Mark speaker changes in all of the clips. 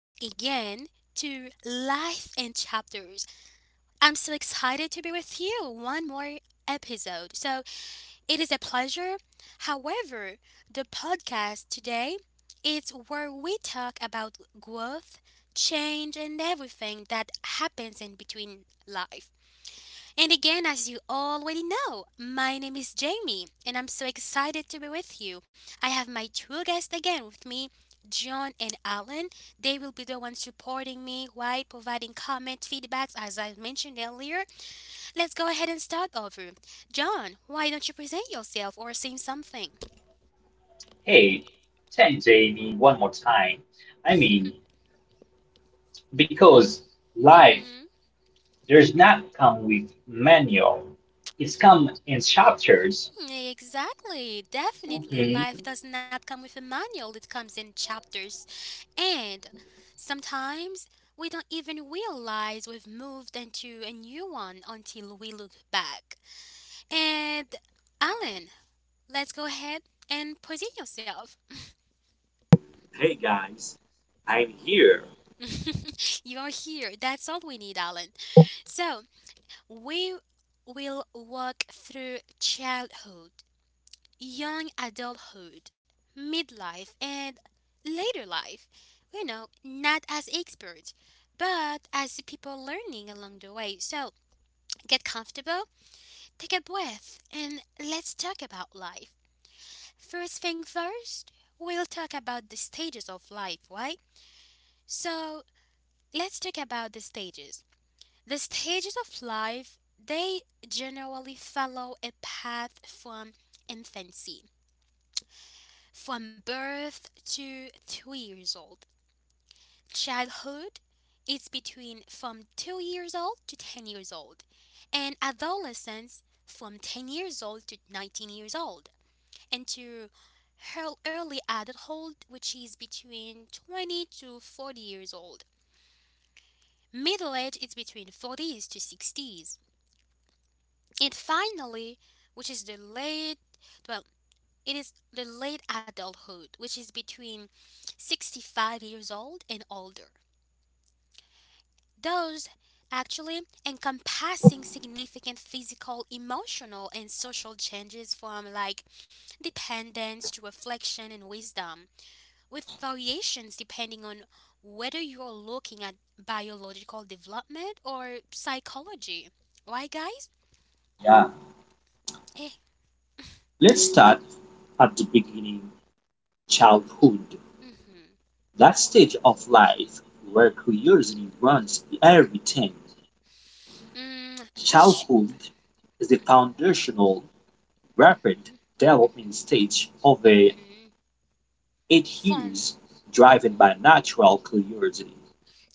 Speaker 1: to Life in Chapters. I'm so excited to be with you one more episode. So it is a pleasure. However, the podcast today is where we talk about growth, change, and everything that happens in between life. And again, as you already know, my name is Jamie, and I'm so excited to be with you. I have my two guests again with me, John and Alan. They will be the ones supporting me, right? Providing comment, feedbacks, as I mentioned earlier. Let's go ahead and start over. John, why don't you present yourself or sing something?
Speaker 2: Hey, thanks, Amy, one more time. I mean, because life
Speaker 1: Mm-hmm.
Speaker 2: does not come with manual. It's come in chapters.
Speaker 1: Exactly, definitely.
Speaker 2: Mhm.
Speaker 1: Life does not come with a manual, it comes in chapters. And sometimes we don't even realize we've moved into a new one until we look back. And Alan, let's go ahead and present yourself.
Speaker 3: Hey guys, I'm here.
Speaker 1: You are here. That's all we need, Alan. So we will walk through childhood, young adulthood, midlife, and later life. You know, not as experts, but as people learning along the way. So get comfortable, take a breath, and let's talk about life. First thing first, we'll talk about the stages of life, right? So let's talk about the stages. The stages of life, they generally follow a path from infancy, from birth to 2 years old. Childhood is between from 2 years old to 10 years old, and adolescence from 10 years old to 19 years old, and to early adulthood, which is between 20 to 40 years old. Middle age is between 40s to 60s. And finally, which is the late, well, it is the late adulthood, which is between 65 years old and older. Those actually encompassing significant physical, emotional, and social changes from, like, dependence to reflection and wisdom, with variations depending on whether you're looking at biological development or psychology. Why, guys?
Speaker 3: Yeah.
Speaker 1: Eh.
Speaker 3: Let's start at the beginning,
Speaker 1: Mm-hmm.
Speaker 3: childhood, that stage of life where curiosity runs everything.
Speaker 1: Mm, sh-
Speaker 3: Childhood is the
Speaker 1: mm-hmm.
Speaker 3: foundational, rapid development
Speaker 1: Mm-hmm.
Speaker 3: stage of the
Speaker 1: Mm-hmm.
Speaker 3: eight
Speaker 1: From
Speaker 3: years driven by
Speaker 1: Mhm.
Speaker 3: natural curiosity.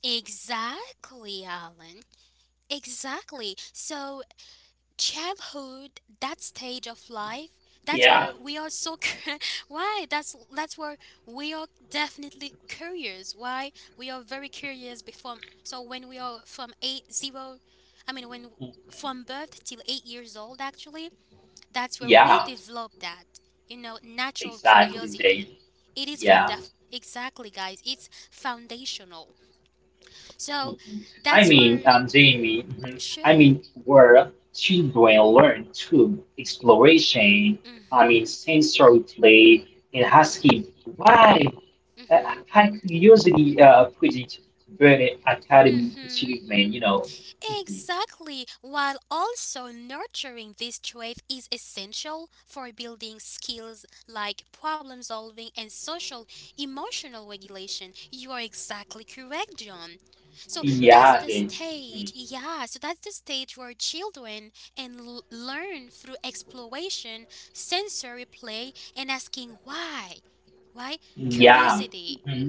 Speaker 1: Exactly, Alan. Exactly. So, childhood, that stage of life,
Speaker 2: Yeah.
Speaker 1: that's where we are why, that's where we are definitely curious. Why we are very curious before, so when we are I mean, when from birth till 8 years old actually, that's where we
Speaker 2: Yeah,
Speaker 1: develop that, you know, natural
Speaker 2: exactly, Jamie.
Speaker 1: curiosity. It is from
Speaker 2: Yeah.
Speaker 1: that, exactly, guys. It's foundational. So
Speaker 2: Mhm.
Speaker 1: that's your
Speaker 2: Jamie,
Speaker 1: sure.
Speaker 2: where children learn through exploration,
Speaker 1: Mhm.
Speaker 2: sensory play and
Speaker 1: Mhm.
Speaker 2: asking why
Speaker 1: Mhm.
Speaker 2: I could usually put it very academic
Speaker 1: Mhm.
Speaker 2: achievement, you know. Mhm.
Speaker 1: Exactly, while also nurturing this trait is essential for building skills like problem solving and social emotional regulation. You are exactly correct, John. So that's
Speaker 2: Yeah,
Speaker 1: the
Speaker 2: they,
Speaker 1: stage,
Speaker 2: mhm.
Speaker 1: yeah, so that's the stage where children learn through exploration, sensory play, and asking why. Why?
Speaker 2: Yeah.
Speaker 1: Curiosity.
Speaker 2: Mhm.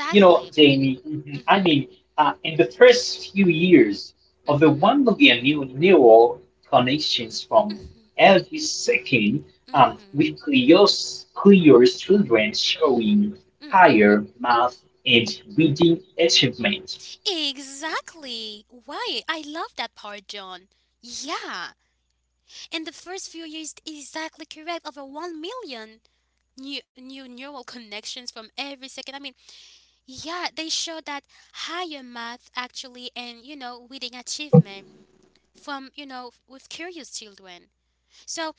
Speaker 2: You know, Jamie, mhm,
Speaker 1: Mhm.
Speaker 2: in the first few years of the
Speaker 1: Mhm.
Speaker 2: 1 million new neural connections from every second,
Speaker 1: Mhm.
Speaker 2: with Cleo's children showing
Speaker 1: Mhm.
Speaker 2: higher math and reading achievement.
Speaker 1: Exactly. Why? I love that part, John. Yeah. And the first few years, exactly correct, over 1 million new neural connections from every second. I mean, yeah, they showed that higher math actually and, you know, reading achievement from, you know, with curious children. So,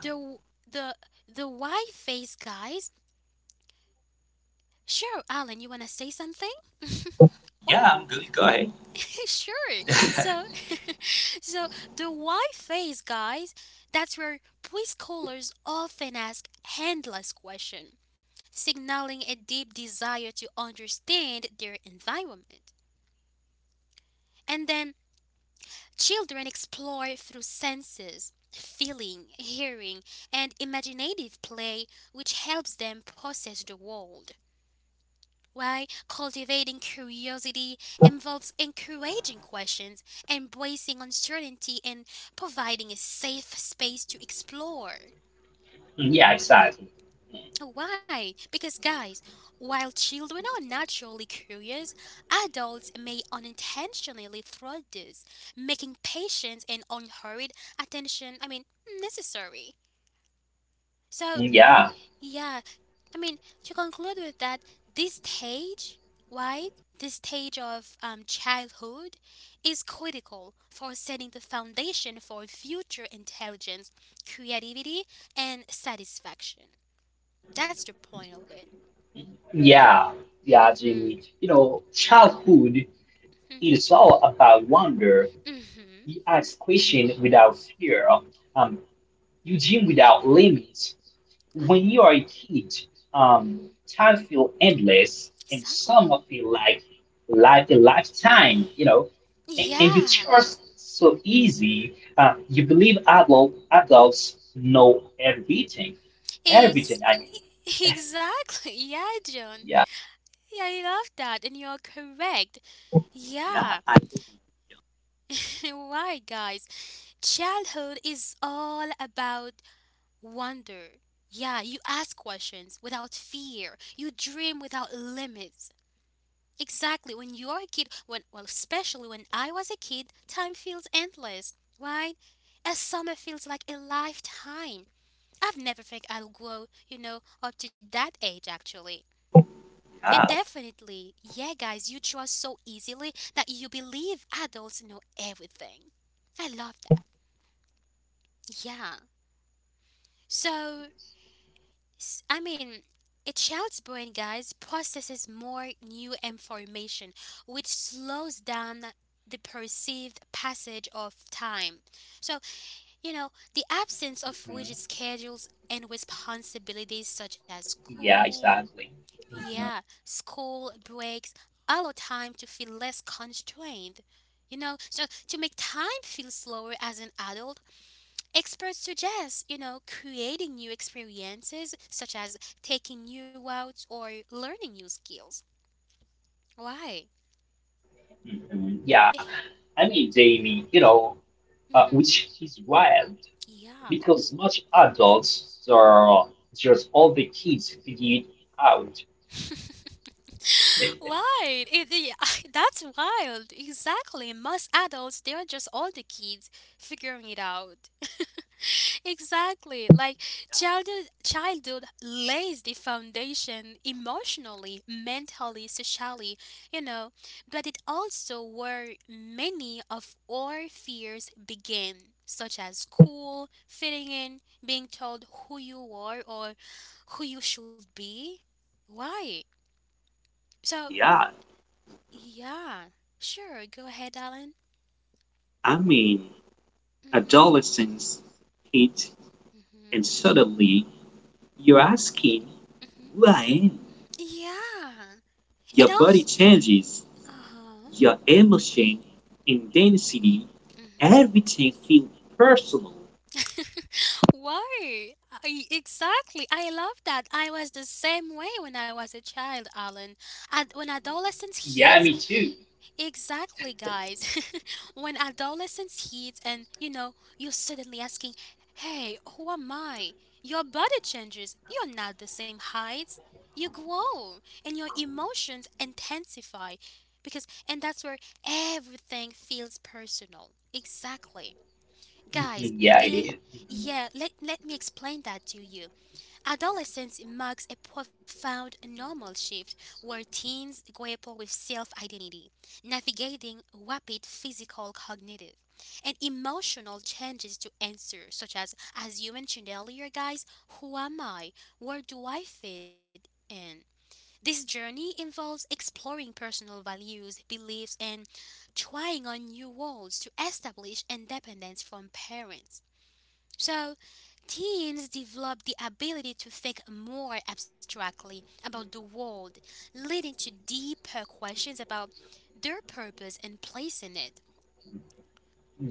Speaker 1: the the the why face, guys. Sure, Alan, you want to say something? Or
Speaker 3: Yeah, I'm gonna go ahead.
Speaker 1: sure. So, the why phase, guys, that's where police callers often ask handless question, signaling a deep desire to understand their environment. And then children explore through senses, feeling, hearing, and imaginative play, which helps them process the world. Why, cultivating curiosity involves encouraging questions, embracing uncertainty, and providing a safe space to explore.
Speaker 2: Mhm, yeah, exactly.
Speaker 1: Why? Because, guys, while children are naturally curious, adults may unintentionally thwart this, making patience and unhurried attention, I mean, necessary. So,
Speaker 2: Mhm, yeah.
Speaker 1: yeah, I mean, to conclude with that, this stage, right, this stage of childhood is critical for setting the foundation for future intelligence, creativity, and satisfaction. That's the point of it.
Speaker 2: Yeah, yeah,
Speaker 1: Mm-hmm.
Speaker 2: Jamie. You know, childhood is all about wonder.
Speaker 1: Mm-hmm.
Speaker 2: You ask questions without fear. Um, you dream without limits.
Speaker 1: Right,
Speaker 2: When you are a kid, um, time feel endless, and
Speaker 1: exactly.
Speaker 2: some of it like a lifetime. You know, and you
Speaker 1: Yeah.
Speaker 2: trust so easy. You believe adults know everything, everything.
Speaker 1: Ex- exactly. Yeah, John.
Speaker 2: Yeah,
Speaker 1: Yeah, I love that, and you're correct.
Speaker 3: Yeah,
Speaker 1: Yeah. Why, guys? Childhood is all about wonder. Yeah, you ask questions without fear. You dream without limits. Exactly. When you're a kid, especially when I was a kid, time feels endless, right? A summer feels like a lifetime. I've never think I'll grow, you know, up to that age actually. And
Speaker 3: yeah,
Speaker 1: definitely, yeah, guys, you trust so easily that you believe adults know everything. I love that. Yeah. So, I mean, a child's brain, guys, processes more new information, which slows down the perceived passage of time. So, you know, the absence of rigid
Speaker 2: mhm.
Speaker 1: schedules and responsibilities, such as
Speaker 2: Yeah,
Speaker 1: school,
Speaker 2: exactly. Mm-hmm.
Speaker 1: yeah, school breaks, allow time to feel less constrained. You know, so to make time feel slower as an adult, experts suggest, you know, creating new experiences such as taking new routes or learning new skills. Why?
Speaker 2: Mhm. Yeah, Jamie, you know,
Speaker 1: Mm-hmm.
Speaker 2: which is wild
Speaker 1: Yeah.
Speaker 2: because much adults are just all the kids figured out.
Speaker 1: Right. That's wild. Exactly. Most adults, they're just all the kids figuring it out. Exactly. Like childhood lays the foundation emotionally, mentally, socially, you know, but it also where many of our fears begin, such as school, fitting in, being told who you are or who you should be. Why? So
Speaker 3: yeah.
Speaker 1: yeah. Sure, go ahead, Alan.
Speaker 3: I mean,
Speaker 1: Mm-hmm.
Speaker 3: adolescence hit, and
Speaker 1: Mm-hmm.
Speaker 3: suddenly you're asking
Speaker 1: Mm-hmm.
Speaker 3: why,
Speaker 1: Yeah. It
Speaker 3: your body
Speaker 1: also
Speaker 3: changes,
Speaker 1: uh-huh.
Speaker 3: your emotion, intensity,
Speaker 1: Mm-hmm.
Speaker 3: everything feel personal.
Speaker 1: Why? Exactly. I love that. I was the same way when I was a child, Alan. When adolescence
Speaker 2: Yeah, me
Speaker 1: hits,
Speaker 2: too.
Speaker 1: exactly, guys. When adolescence hits, and you know, you're suddenly asking, "Hey, who am I?" Your body changes. You're not the same height. You grow, and your emotions intensify, because and that's where everything feels personal. Exactly. Guys,
Speaker 2: Mhm, yeah, it
Speaker 1: l-
Speaker 2: is. Mhm.
Speaker 1: yeah, let me explain that to you. Adolescence marks a profound normal shift where teens grapple with self identity, navigating rapid physical, cognitive, and emotional changes to answer, such as you mentioned earlier, guys, who am I? Where do I fit in? This journey involves exploring personal values, beliefs, and trying on new roles to establish independence from parents. So, teens develop the ability to think more abstractly about the world, leading to deeper questions about their purpose and place in it.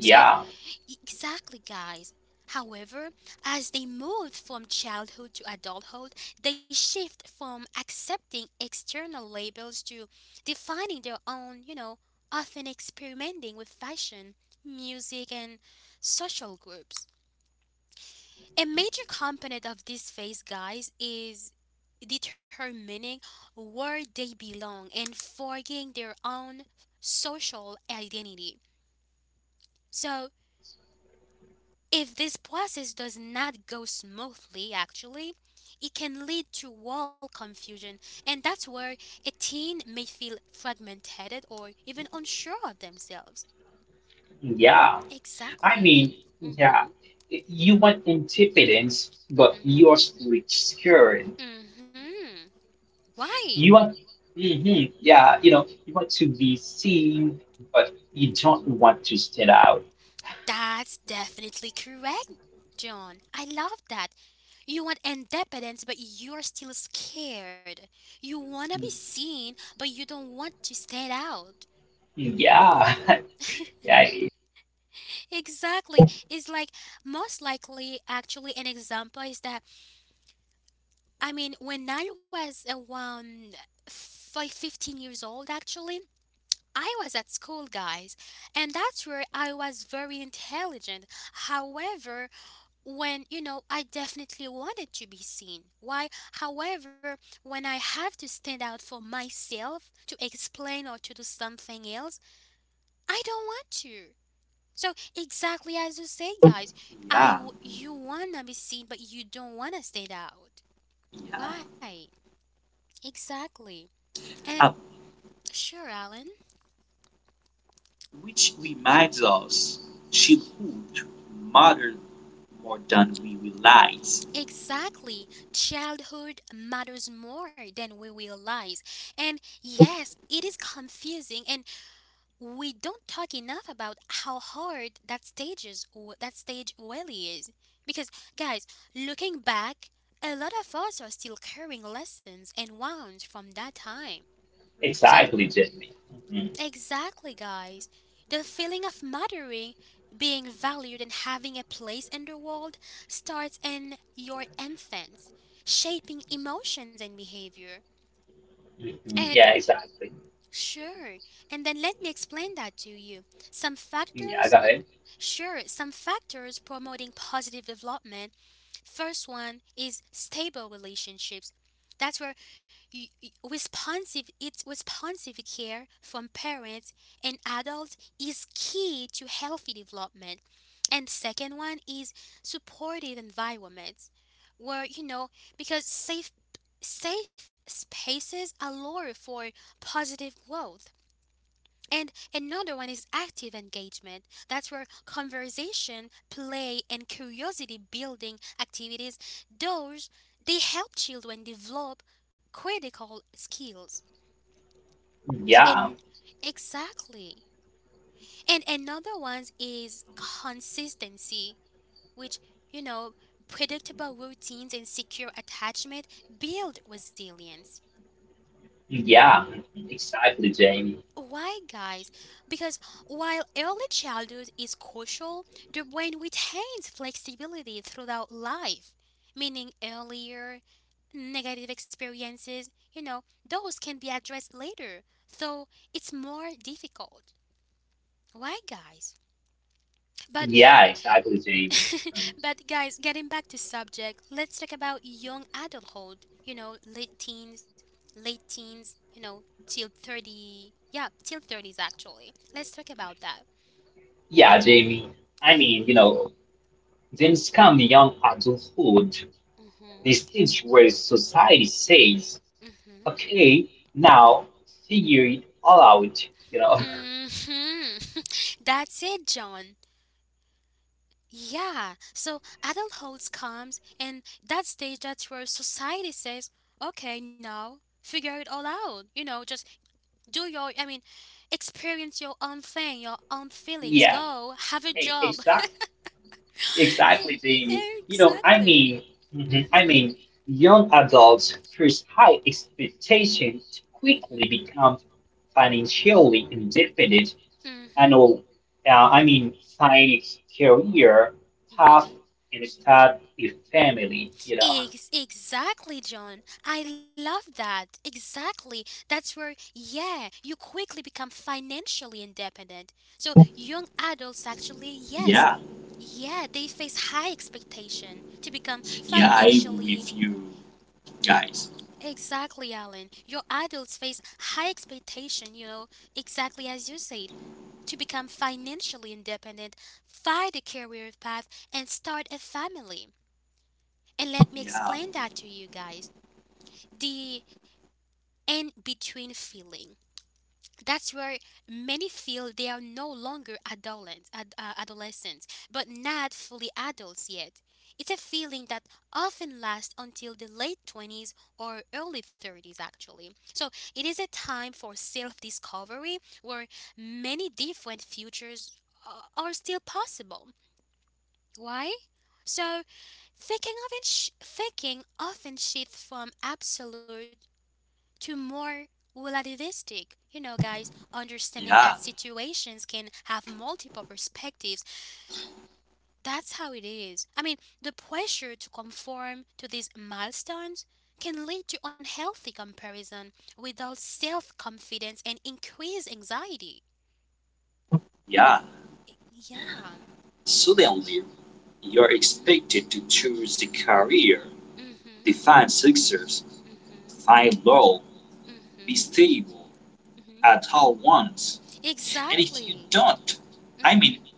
Speaker 1: So, exactly, guys. However, as they moved from childhood to adulthood, they shift from accepting external labels to defining their own, you know, often experimenting with fashion, music, and social groups. A major component of this phase, guys, is determining where they belong and forging their own social identity. So, if this process does not go smoothly, actually, it can lead to wall confusion, and that's where a teen may feel fragmented or even unsure of themselves.
Speaker 2: yeah. I
Speaker 1: Exactly.
Speaker 2: mean, yeah.
Speaker 1: Mhm.
Speaker 2: You want independence, but
Speaker 1: Mhm.
Speaker 2: you're still scared.
Speaker 1: Mhm. Why?
Speaker 2: You want, yeah, you know, you want to be seen, but you don't want to stand out.
Speaker 1: That's definitely correct, John. I love that. You want independence, but you're still scared. You want to be seen, but you don't want to stand out.
Speaker 2: Mhm, yeah. Yeah,
Speaker 1: Exactly. It's like, most likely actually, an example is that, I mean, when I was around five, 15 years old actually, I was at school, guys, and that's where I was very intelligent. However, when, you know, I definitely wanted to be seen. Why? However, when I have to stand out for myself to explain or to do something else, I don't want to. So, exactly as you say, guys,
Speaker 3: Yeah,
Speaker 1: you wanna be seen, but you don't wanna stand out.
Speaker 3: yeah.
Speaker 1: Why? Exactly. And
Speaker 3: Uh,
Speaker 1: sure, Alan.
Speaker 3: which reminds us, childhood matters more than we realize.
Speaker 1: Exactly. Childhood matters more than we realize. And yes, it is confusing, and we don't talk enough about how hard that stage really is. Because, guys, looking back, a lot of us are still carrying lessons and wounds from that time. So,
Speaker 2: exactly, Jamie. Mhm,
Speaker 1: exactly, guys. The feeling of mattering, being valued, and having a place in the world starts in your infants, shaping emotions and behavior.
Speaker 2: mhm.
Speaker 1: And
Speaker 2: Yeah, exactly.
Speaker 1: sure, and then let me explain that to you. Some
Speaker 2: Yeah,
Speaker 1: factors,
Speaker 2: go ahead.
Speaker 1: sure, some factors promoting positive development. First one is stable relationships. That's where y- y- responsive it's responsive care from parents and adults is key to healthy development. And second one is supportive environments where, you know, because safe spaces allow for positive growth. And another one is active engagement. That's where conversation, play, and curiosity building activities, those, they help children develop critical skills. And
Speaker 2: Yeah,
Speaker 1: exactly. And another one is consistency, which, you know, predictable routines and secure attachment build resilience.
Speaker 2: yeah, mhm. Exactly, Jamie.
Speaker 1: Why, guys? Because while early childhood is crucial, the brain retains flexibility throughout life, meaning earlier negative experiences, you know, those can be addressed later, though it's more difficult. Why, guys? But
Speaker 2: Yeah, exactly, Jamie. Mhm.
Speaker 1: but guys, getting back to subject, let's talk about young adulthood, you know, late teens, you know, till 30. Yeah, till 30s actually. Let's talk about that.
Speaker 2: Yeah, Jamie. You know, things come young adulthood.
Speaker 1: Mhm.
Speaker 2: This stage where society says,
Speaker 1: Mhm.
Speaker 2: "Okay, now figure it all out." You know.
Speaker 1: Mhm. That's it, John. Yeah. So adulthood comes, and that stage, that's where society says, "Okay, now figure it all out." You know, just do your. I mean, experience your own thing, your own feelings.
Speaker 2: Yeah.
Speaker 1: Go have a job.
Speaker 2: Exactly.
Speaker 1: Eh,
Speaker 2: Exactly, Jamie. You know,
Speaker 1: exactly.
Speaker 2: mhm, I
Speaker 1: Mhm.
Speaker 2: mean, young adults face high expectation to
Speaker 1: Mhm.
Speaker 2: quickly become financially independent and
Speaker 1: Mhm.
Speaker 2: all. Find a career path
Speaker 1: Mhm.
Speaker 2: and start a family. You know.
Speaker 1: Exactly, John. I love that. Exactly. That's where, yeah, you quickly become financially independent. So, young adults actually, yes,
Speaker 3: Yeah,
Speaker 1: yeah, they face high expectation to become
Speaker 3: yeah, I agree
Speaker 1: financially.
Speaker 3: with you guys.
Speaker 1: Exactly, Alan. Your adults face high expectation, you know, exactly as you said, to become financially independent, find a career path, and start a family. And let me
Speaker 3: Yeah,
Speaker 1: explain that to you guys. The and between feeling. That's where many feel they are no longer adolescents, adolescents, but not fully adults yet. It's a feeling that often lasts until the late 20s or early 30s, actually. So it is a time for self discovery where many different futures are still possible. Why? So, thinking, of it sh- thinking often shifts from absolute to more relativistic. You know, guys, understanding that
Speaker 3: yeah,
Speaker 1: situations can have multiple perspectives. That's how it is. I mean, the pressure to conform to these milestones can lead to unhealthy comparison without self confidence and increased anxiety.
Speaker 3: yeah.
Speaker 1: Yeah.
Speaker 3: Suddenly, you're
Speaker 1: Mhm.
Speaker 3: expected to choose a career,
Speaker 1: Mhm.
Speaker 3: define success,
Speaker 1: Mhm.
Speaker 3: find love, be
Speaker 1: Mhm.
Speaker 3: stable
Speaker 1: Mhm.
Speaker 3: at all once. And if you
Speaker 1: Exactly.
Speaker 3: don't, I mean,
Speaker 1: Mhm.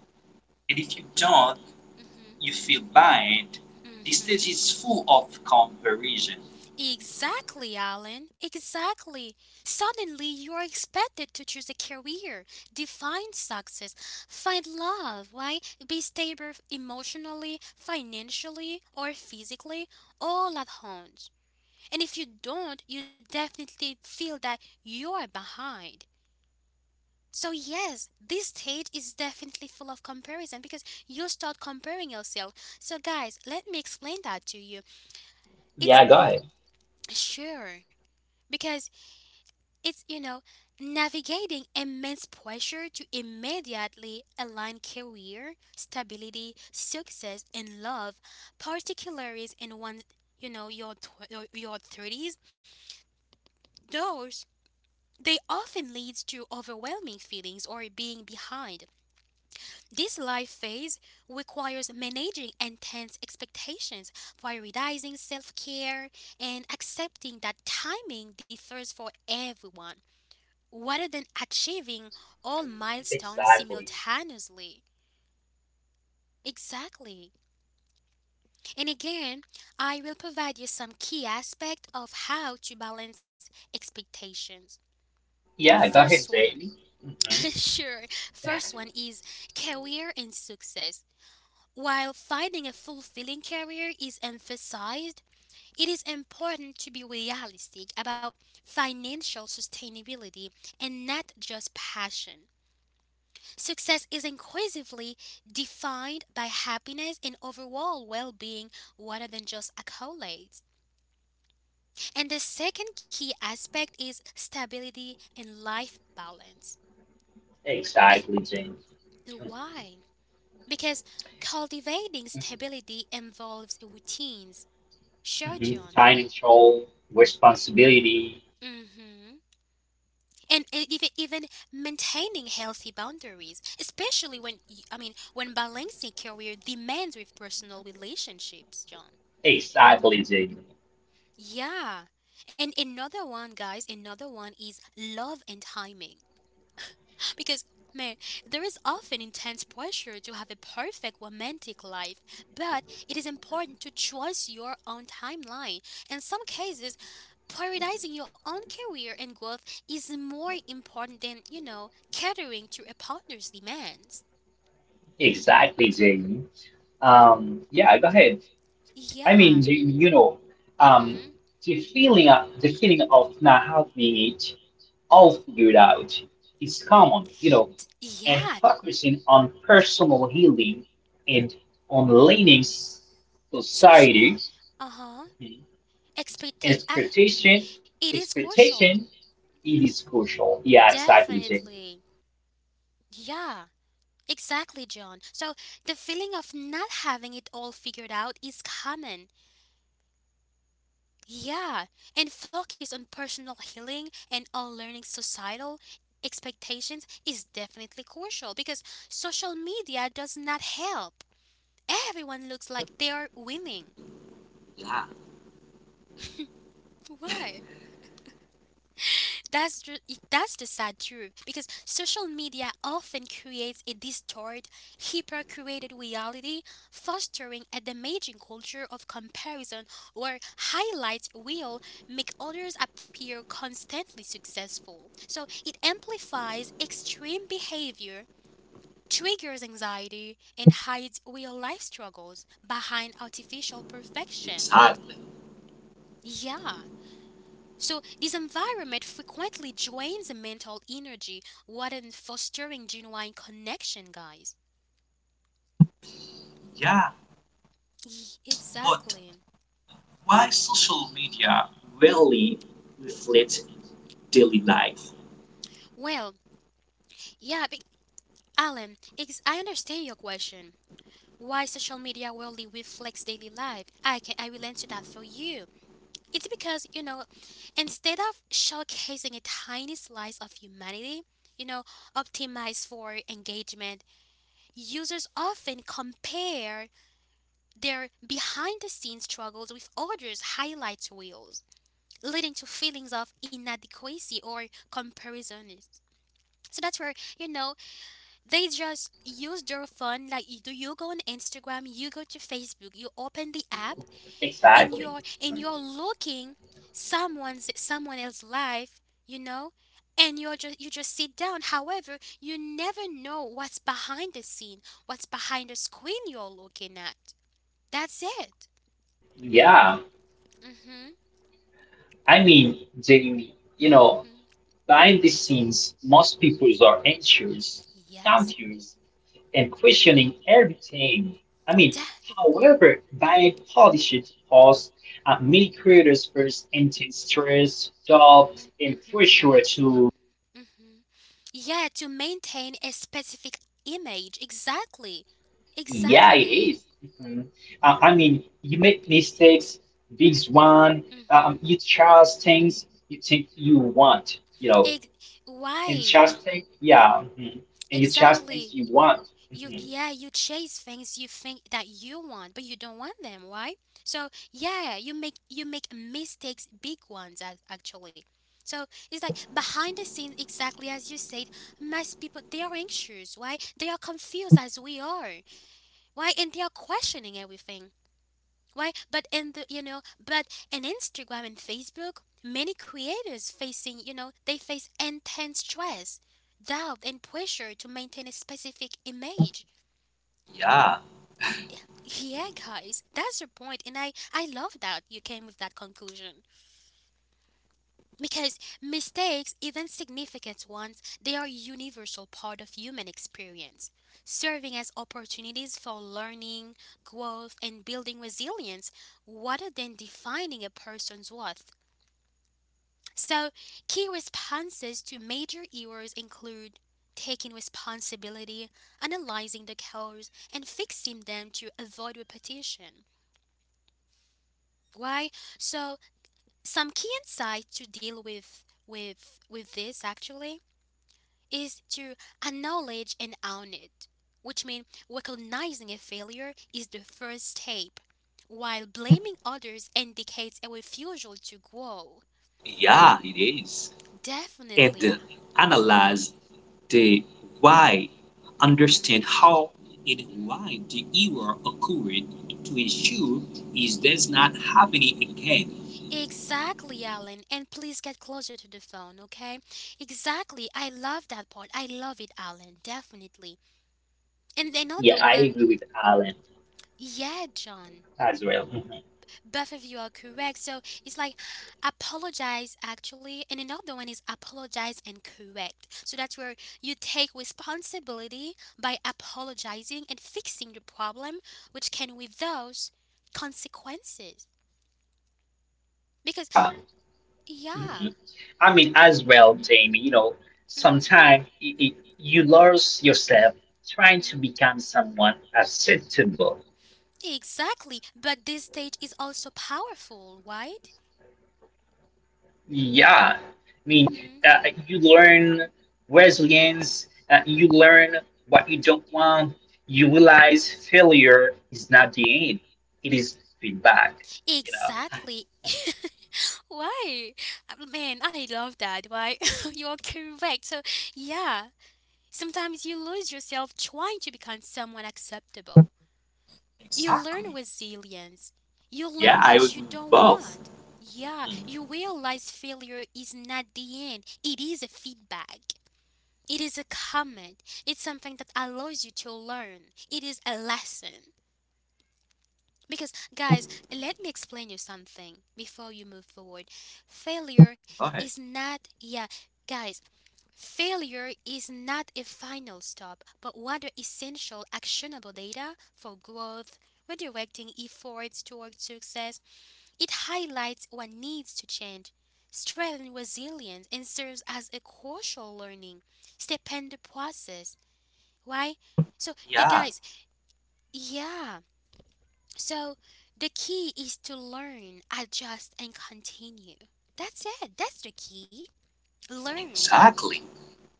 Speaker 3: and if you don't,
Speaker 1: Mhm.
Speaker 3: you feel bad. The stage
Speaker 1: Mhm.
Speaker 3: is full of comparison.
Speaker 1: Exactly, Alan. Exactly. Suddenly, you are expected to choose a career, define success, find love, right? Be stable emotionally, financially, or physically, all at once. And if you don't, you definitely feel that you are behind. So, yes, this stage is definitely full of comparison because you start comparing yourself. So, guys, let me explain that to you. It's
Speaker 2: Yeah, go
Speaker 1: n-
Speaker 2: ahead.
Speaker 1: sure, because it's, you know, navigating immense pressure to immediately align career, stability, success, and love, particularly in one, you know, your 30s. Those, they often leads to overwhelming feelings or being behind. This life phase requires managing intense expectations, prioritizing self-care, and accepting that timing differs for everyone, rather than achieving all milestones
Speaker 2: Exactly.
Speaker 1: simultaneously. Exactly. And again, I will provide you some key aspect of how to balance expectations.
Speaker 2: Yeah, go
Speaker 1: First
Speaker 2: ahead,
Speaker 1: one,
Speaker 2: Jamie. hmm
Speaker 1: sure. First one is career and success. While finding a fulfilling career is emphasized, it is important to be realistic about financial sustainability and not just passion. Success is inclusively defined by happiness and overall well being rather than just accolades. And the second key aspect is stability and life balance.
Speaker 2: Exactly,
Speaker 1: Be-
Speaker 2: Jamie. Mhm.
Speaker 1: why? Because cultivating stability involves routines.
Speaker 2: Mhm.
Speaker 1: Sure, John.
Speaker 2: Financial responsibility.
Speaker 1: Mm-hmm. And even maintaining healthy boundaries, especially I mean when balancing career demands with personal relationships, John.
Speaker 2: Exactly, Jamie.
Speaker 1: Yeah. And another one, guys, another one is love and timing. Because, man, there is often intense pressure to have a perfect romantic life, but it is important to trust your own timeline. In some cases, prioritizing your own career and growth is more important than, you know, catering to a partner's demands.
Speaker 2: Exactly, Jamie. Yeah, go ahead. I
Speaker 1: Yeah.
Speaker 2: mean, the- you know, um,
Speaker 1: Mm-hmm.
Speaker 2: the feeling of not having it all figured out is common, you know, and
Speaker 1: Yeah.
Speaker 2: focusing on personal healing and on leaning
Speaker 1: So,
Speaker 2: society.
Speaker 1: uh huh.
Speaker 2: Mhm.
Speaker 1: Expectate.
Speaker 2: expectation,
Speaker 1: It is crucial.
Speaker 2: expectation, it is crucial. Yeah, exactly, Jamie.
Speaker 1: Definitely. Yeah, exactly, John. So the feeling of not having it all figured out is common. Yeah, and focus on personal healing and unlearning societal expectations is definitely crucial because social media does not help. Everyone looks like they are winning.
Speaker 3: Yeah,
Speaker 1: Why? That's the sad truth because social media often creates a distorted, hyper created reality, fostering a damaging culture of comparison where highlights will make others appear constantly successful. So it amplifies extreme behavior, triggers anxiety, and hides real life struggles behind artificial perfection.
Speaker 3: exactly.
Speaker 1: Yeah. So, this environment frequently drains the mental energy rather than fostering genuine connection, guys.
Speaker 3: Yeah, but
Speaker 1: Exactly.
Speaker 3: why social media really reflects daily life?
Speaker 1: Well, yeah, but Alan, I understand your question. Why social media really reflects daily life? I will answer that for you. It's because, you know, instead of showcasing a tiny slice of humanity, you know, optimized for engagement, users often compare their behind the scenes struggles with others highlight reels, leading to feelings of inadequacy or comparison. So that's where, you know, they just use their phone like you do. You go on Instagram, you go to Facebook, you open the app
Speaker 2: Exactly.
Speaker 1: and you're looking someone else's life, you know? And you just sit down. However, you never know what's behind the scene, what's behind the screen you're looking at. That's it.
Speaker 2: Yeah,
Speaker 1: Hmm
Speaker 2: Jamie, you know.
Speaker 1: hmm
Speaker 2: Behind the scenes, most people are anxious,
Speaker 1: Yes,
Speaker 2: confused, and questioning everything. I mean,
Speaker 1: definitely.
Speaker 2: However, by publishing posts, many creators face intense stress, doubt,
Speaker 1: Mhm,
Speaker 2: and
Speaker 1: mhm,
Speaker 2: pressure to,
Speaker 1: mhm. Yeah, to maintain a specific image. Exactly.
Speaker 2: yeah, it
Speaker 1: Exactly.
Speaker 2: is. Mhm. You make mistakes, big one,
Speaker 1: hmm
Speaker 2: you try things you think you want, you know, and
Speaker 1: Why?
Speaker 2: trust things, yeah, mhm. And you trust things
Speaker 1: Exactly.
Speaker 2: you want.
Speaker 1: You,
Speaker 2: Mhm.
Speaker 1: yeah, you chase things you think that you want but you don't want them, right? So yeah, you make mistakes, big ones, actually. So it's like behind the scenes, exactly as you said, most people, they are anxious. Why? They are confused as we are. Why? And they are questioning everything. Why? But in the, you know, but in Instagram and Facebook, many creators facing, you know, they face intense stress, doubt and pressure to maintain a specific image.
Speaker 3: Yeah,
Speaker 1: Yeah, guys, that's the point, and I love that you came with that conclusion because mistakes, even significant ones, they are a universal part of human experience, serving as opportunities for learning, growth, and building resilience, rather than defining a person's worth. So, key responses to major errors include taking responsibility, analyzing the cause, and fixing them to avoid repetition. Why? So some key insight to deal with this, actually, is to acknowledge and own it, which means recognizing a failure is the first step, while blaming others indicates a refusal to grow.
Speaker 3: yeah, it is.
Speaker 1: Definitely,
Speaker 3: And
Speaker 1: yeah.
Speaker 3: analyze the why, understand how and
Speaker 1: Mm.
Speaker 3: why the error occurred to ensure it does not happen again.
Speaker 1: Exactly, Alan. And please get closer to the phone, okay? Exactly. I love that part. I love it, Alan. Definitely. And another
Speaker 2: Yeah, I
Speaker 1: one,
Speaker 2: agree with Alan
Speaker 1: yeah, John.
Speaker 2: as well. Mhm.
Speaker 1: Both of you are correct. So it's like apologize, actually, and another one is apologize and correct. So that's where you take responsibility by apologizing and fixing the problem, which can with those consequences. Because
Speaker 2: Yeah.
Speaker 1: yeah,
Speaker 2: Mhm. Jamie, you know,
Speaker 1: hmm
Speaker 2: sometimes you lose yourself trying to
Speaker 1: hmm
Speaker 2: become someone acceptable.
Speaker 1: exactly. But this stage is also powerful, right?
Speaker 2: Yeah.
Speaker 1: hmm
Speaker 2: You learn resilience, you
Speaker 1: hmm
Speaker 2: learn what you don't want, you
Speaker 1: hmm
Speaker 2: realize failure is not the end, it is feedback, you know.
Speaker 1: Exactly. Why? Man, I love that. Why? You are correct. So, yeah, sometimes you lose yourself trying to become someone acceptable. You learn
Speaker 3: Exactly.
Speaker 1: resilience. You
Speaker 3: Yeah,
Speaker 1: learn
Speaker 3: I
Speaker 1: what
Speaker 3: would
Speaker 1: you
Speaker 3: move
Speaker 1: don't
Speaker 3: both.
Speaker 1: want. Yeah, you realize failure is not the end, it is a feedback. It is a comment. It's something that allows you to learn. It is a lesson. Because, guys, let me explain you something before you move forward. Failure
Speaker 3: Okay.
Speaker 1: is not, yeah, guys, failure is not a final stop, but rather essential actionable data for growth, redirecting efforts toward success. It highlights what needs to change, strengthens resilience, and serves as a crucial learning step in the process. Why? So, the
Speaker 3: Yeah,
Speaker 1: guys, yeah. So the key is to learn, adjust, and continue. That's it. That's the key. Learn.
Speaker 3: exactly.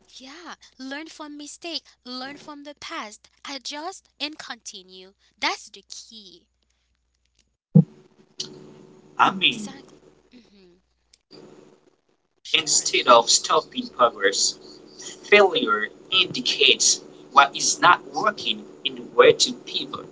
Speaker 1: Yeah, learn from mistake, learn from the past, adjust and continue. That's the key.
Speaker 3: I mean,
Speaker 1: Exactly. Mhm. Sure.
Speaker 3: instead of stopping progress, failure indicates what is not working and where to pivot.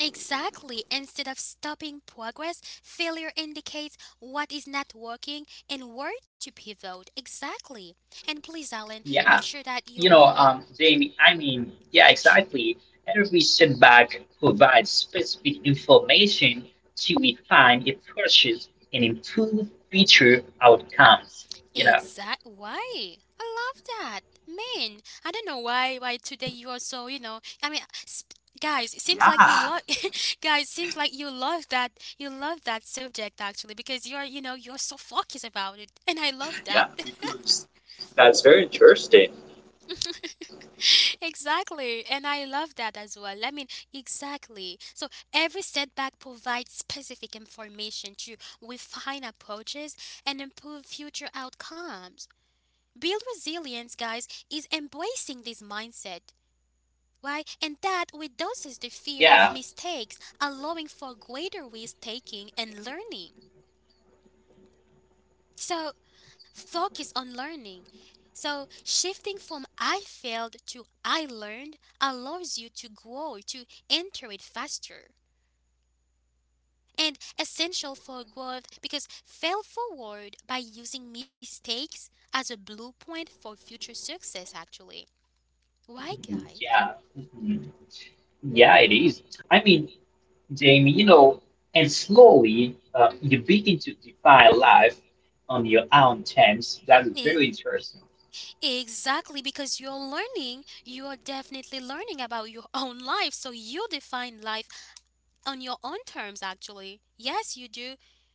Speaker 1: Exactly. Instead of stopping progress, failure indicates what is not working and where to pivot. Exactly. And please, Alan, make
Speaker 2: Yeah,
Speaker 1: sure that your
Speaker 2: you know,
Speaker 1: your
Speaker 2: Jamie, yeah,
Speaker 1: sh-
Speaker 2: exactly. Every setback provides specific information to refine approaches and improve future outcomes. You know,
Speaker 1: exact why. I love that, man. I don't know why today you are so, you know. I mean, guys, it seems
Speaker 3: Yeah,
Speaker 1: like you love guys. Seems like you love that, subject actually because you're you know you're so focused about it, and I love
Speaker 3: yeah,
Speaker 1: that.
Speaker 3: because that's very interesting.
Speaker 1: Exactly, and I love that as well. I mean, exactly. So every setback provides specific information to refine approaches and improve future outcomes. Build resilience, guys, is embracing this mindset, right? And that reduces the fear
Speaker 2: yeah,
Speaker 1: of mistakes, allowing for greater risk taking and learning. So, focus on learning. So, shifting from I failed to I learned allows you to grow, to enter it faster. And essential for growth because fail forward by using mistakes as a blueprint for future success, actually. Why,
Speaker 2: mhm,
Speaker 1: guys?
Speaker 2: yeah, mhm. Yeah, it is. I mean, Jamie, you
Speaker 1: Mhm,
Speaker 2: know, and slowly you
Speaker 1: mhm.
Speaker 2: begin to define life on your own terms. That is
Speaker 1: E-
Speaker 2: very interesting.
Speaker 1: Exactly, because you're learning, you are definitely learning about your own life. So you define life on your own terms, actually. Yes, you do,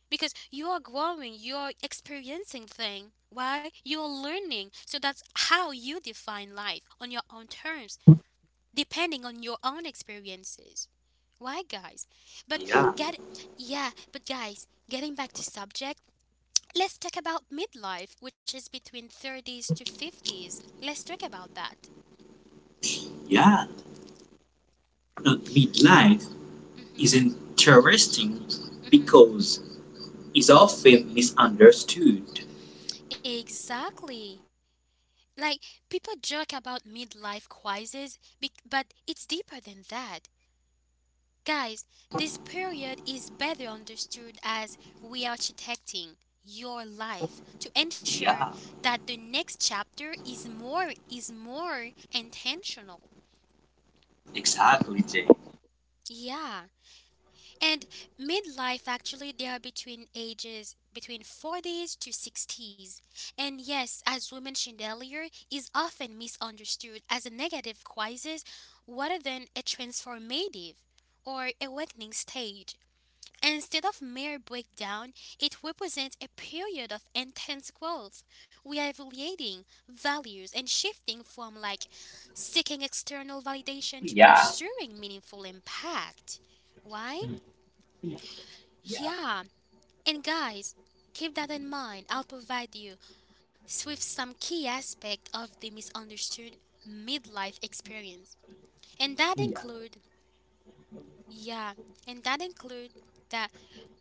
Speaker 1: because you are growing, you're experiencing things. Why? You're learning, so that's how you define life on your own terms, depending on your own experiences. Why, guys? But
Speaker 3: Yeah,
Speaker 1: get yeah, but guys, getting back to subject, let's talk about midlife, which is between 30s to 50s. Let's talk about that.
Speaker 3: yeah. Midlife is
Speaker 1: Mhm
Speaker 3: interesting
Speaker 1: mhm
Speaker 3: because it's often misunderstood.
Speaker 1: exactly Like, people joke about midlife crisis, but it's deeper than that. Guys, this period is better understood as re architecting your life to ensure
Speaker 3: Yeah,
Speaker 1: that the next chapter is more intentional.
Speaker 3: exactly, Jay.
Speaker 1: Yeah. And midlife, actually, they are between ages between 40s to 60s. And yes, as we mentioned earlier, is often misunderstood as a negative crisis rather than a transformative or awakening stage. Instead of mere breakdown, it represents a period of intense growth, reevaluating values and shifting from like seeking external validation to
Speaker 2: Yeah,
Speaker 1: pursuing meaningful impact. Why?
Speaker 2: mhm, yeah,
Speaker 1: Yeah, and guys, keep that in mind. I'll provide you with some key aspect of the misunderstood midlife experience. And that
Speaker 2: yeah,
Speaker 1: include, yeah, and that include that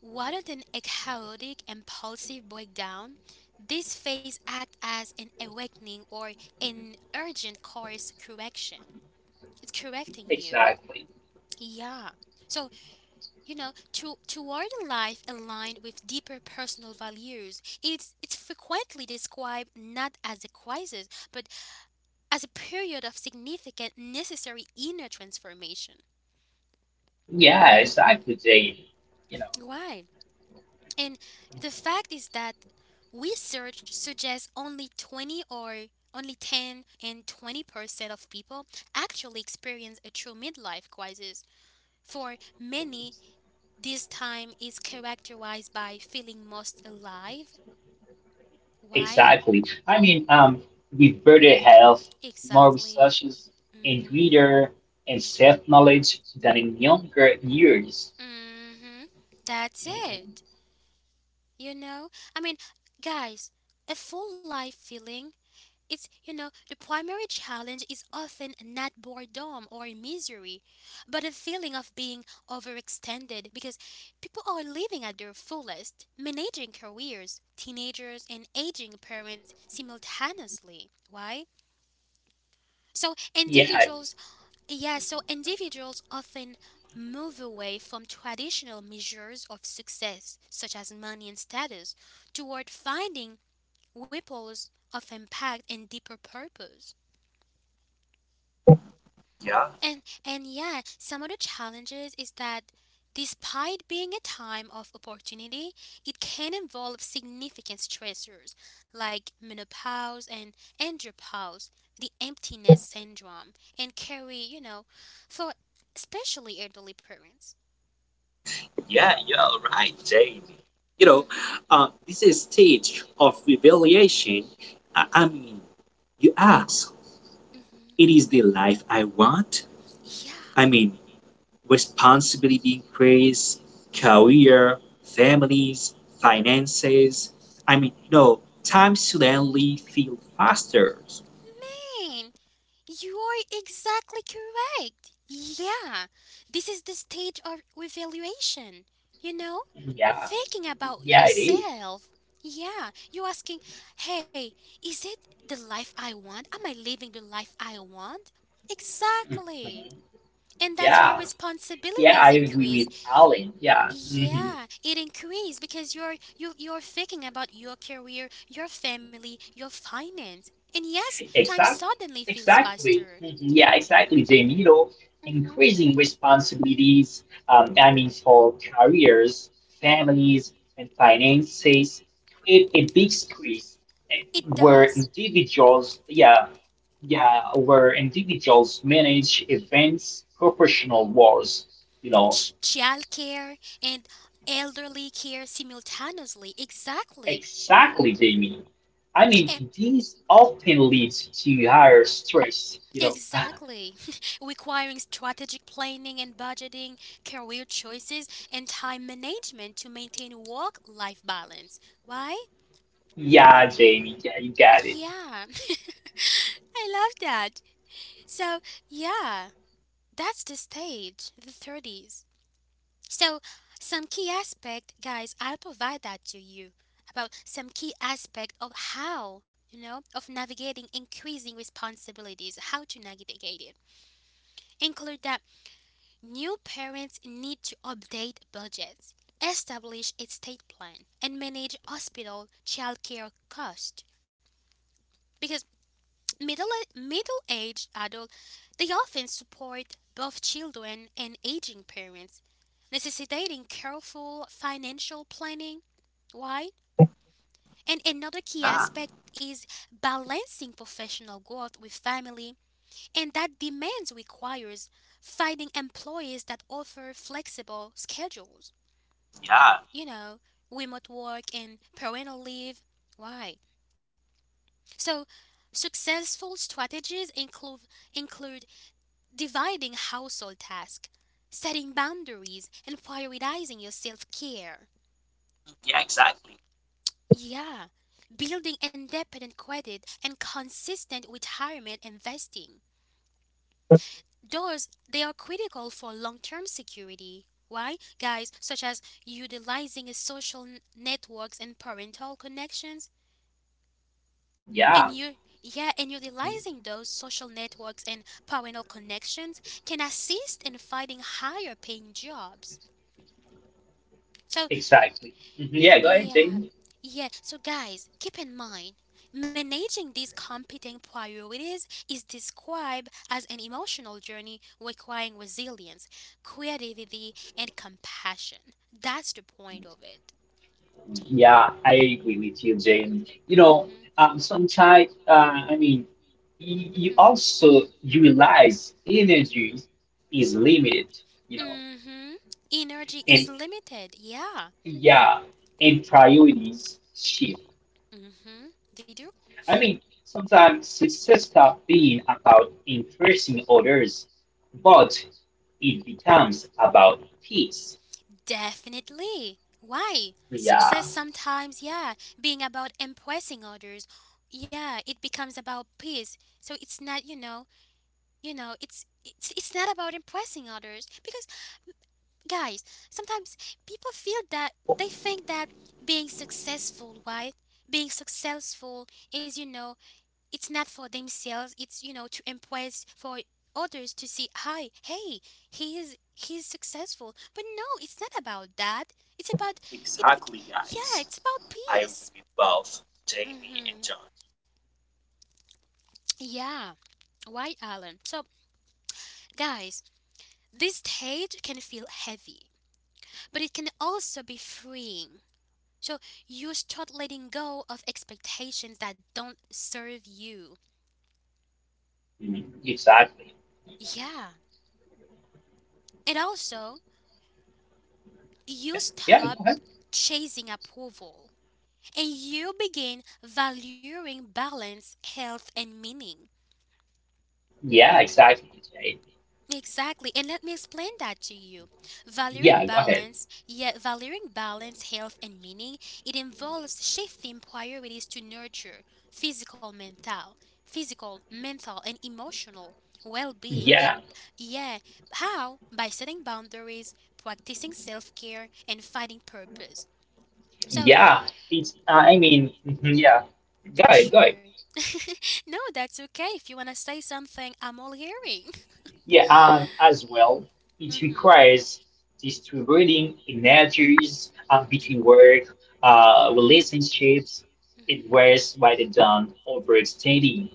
Speaker 1: rather than a chaotic impulsive breakdown, this phase act as an awakening or an urgent course correction. It's correcting you.
Speaker 2: exactly.
Speaker 1: Yeah. So, you know, to toward a life aligned with deeper personal values, it's frequently described not as a crisis but as a period of significant necessary inner transformation.
Speaker 2: Yes, I could say, you know,
Speaker 1: Why? And the fact is that research suggests only 20, or only 10 and 20% of people actually experience a true midlife crisis. For many, this time is characterized by feeling most alive. Why?
Speaker 2: exactly. With better health, more
Speaker 1: Exactly.
Speaker 2: resources, and
Speaker 1: Mhm.
Speaker 2: greater and self-knowledge than in younger years.
Speaker 1: Mhm. That's
Speaker 2: Mhm.
Speaker 1: it. You know? I mean, guys, a full life feeling it's the primary challenge is often not boredom or misery, but a feeling of being overextended because people are living at their fullest, managing careers, teenagers and aging parents simultaneously. Why? So
Speaker 2: Yeah,
Speaker 1: individual Yeah, so individuals often move away from traditional measures of success, such as money and status, toward finding ripples of impact and deeper purpose.
Speaker 3: Yeah,
Speaker 1: And yeah, some of the challenges is that despite being a time of opportunity, it can involve significant stressors like menopause and andropause, the emptiness syndrome, and carry, for especially elderly parents.
Speaker 3: yeah, you're right, Jamie. You know,
Speaker 1: Mhm.
Speaker 3: this is stage of revelation. I, I
Speaker 1: Mhm.
Speaker 3: mean, you ask,
Speaker 1: Mhm.
Speaker 3: it is the life I want?
Speaker 1: Yeah.
Speaker 3: I mean, responsibility increase, career, families, finances. I mean, no, time suddenly feel faster.
Speaker 1: Man, you are exactly correct. Yeah. This is the stage of evaluation. You know,
Speaker 2: yeah,
Speaker 1: thinking about
Speaker 2: yeah, it is.
Speaker 1: yourself. Yeah. You're asking, "Hey, is it the life I want? Am I living the life I want?" Exactly.
Speaker 2: Mhm.
Speaker 1: And that's where
Speaker 2: Yeah, yeah,
Speaker 1: responsibilities
Speaker 2: I agree
Speaker 1: increase.
Speaker 2: with Alan. Yeah. Mhm.
Speaker 1: Yeah, it increases because you're thinking about your career, your family, your finance. And yes, time
Speaker 2: Exactly.
Speaker 1: suddenly feels
Speaker 2: Exactly.
Speaker 1: faster.
Speaker 2: Mhm. Yeah, exactly, Jamie. You know,
Speaker 1: Mhm.
Speaker 2: increasing responsibilities, for careers,
Speaker 1: Mhm.
Speaker 2: families, and finances create a big squeeze eh,
Speaker 1: It
Speaker 2: where
Speaker 1: does.
Speaker 2: individuals, yeah, yeah, where individuals manage events, professional wars. You know,
Speaker 1: Child care and elderly care simultaneously. Exactly.
Speaker 2: exactly, Jamie.
Speaker 1: And
Speaker 2: These often leads to higher stress, you know.
Speaker 1: exactly. Requiring strategic planning and budgeting, career choices and time management to maintain work-life balance. Why?
Speaker 2: Yeah, Jamie, yeah, you got it.
Speaker 1: Yeah, I love that. So, yeah, that's the stage, the 30s. So, some key aspect, guys, I'll provide that to you about some key aspect of how, of navigating increasing responsibilities, how to navigate it. Include that new parents need to update budgets, establish estate plan, and manage hospital childcare cost. Because Middle middle aged adults, they often support both children and aging parents, necessitating careful financial planning. Why? And another key
Speaker 3: Yeah,
Speaker 1: aspect is balancing professional growth with family, and that demands requires finding employees that offer flexible schedules,
Speaker 3: yeah,
Speaker 1: you know, remote work and parental leave. Why? So, successful strategies include dividing household tasks, setting boundaries, and prioritizing your self care.
Speaker 3: yeah, exactly.
Speaker 1: Yeah, building independent credit and consistent retirement investing. Those they are critical for long-term security. Why, guys? Such as utilizing a networks and parental connections, and
Speaker 2: Yeah,
Speaker 1: you, yeah, and utilizing those social networks and parental connections can assist in finding higher-paying jobs. So
Speaker 2: exactly. Mhm. Yeah, go ahead,
Speaker 1: yeah,
Speaker 2: Jane.
Speaker 1: yeah. So, guys, keep in mind, managing these competing priorities is described as an emotional journey requiring resilience, creativity, and compassion. That's the point of it.
Speaker 2: Yeah, I agree with you, Jane. You know,
Speaker 1: Mhm,
Speaker 2: sometimes, y- you
Speaker 1: mhm,
Speaker 2: also you realize
Speaker 1: mhm,
Speaker 2: energy is limited, you know,
Speaker 1: mhm. Energy is
Speaker 2: and
Speaker 1: limited. Yeah.
Speaker 2: yeah, and priorities shift.
Speaker 1: Mhm. They do.
Speaker 2: Sometimes success stops being about impressing others, but it becomes about peace.
Speaker 1: Definitely. Why?
Speaker 2: Yeah,
Speaker 1: Success sometimes, yeah, being about impressing others. Yeah, it becomes about peace. So it's not, it's not about impressing others because guys, sometimes people feel that they think that being successful, right? Being successful is, it's not for themselves, it's to impress for others to see hi hey he's successful, but no, it's not about that, it's about it bec-
Speaker 3: Exactly,
Speaker 1: yeah,
Speaker 3: guys.
Speaker 1: it's about
Speaker 3: I agree
Speaker 1: peace.
Speaker 3: with both Jamie and
Speaker 1: Hmm.
Speaker 3: John.
Speaker 1: Yeah. Why, Alan? So guys, this stage can feel heavy, but it can also be freeing. So you start letting go of expectations that don't serve you.
Speaker 2: mhm, exactly.
Speaker 1: Yeah, and also, you
Speaker 2: Yeah,
Speaker 1: stop
Speaker 2: go ahead.
Speaker 1: chasing approval and you begin valuing balance, health, and meaning.
Speaker 2: Yeah, exactly, Jay.
Speaker 1: Exactly, and let me explain that to you.
Speaker 2: Yeah, go ahead.
Speaker 1: Valuing balance, health, and meaning, it involves shifting priorities to nurture physical, mental, physical, mental, and emotional well-being.
Speaker 2: Yeah,
Speaker 1: Yeah, how? By setting boundaries, practicing self-care, and finding purpose. So
Speaker 2: yeah. It's, mhm, yeah. Go ahead, go ahead.
Speaker 1: sure. No, that's okay. If you want to say something, I'm all hearing.
Speaker 2: Yeah, as well, it
Speaker 1: Hmm.
Speaker 2: requires distributing energies between work, relationships. It varies by the done overextending.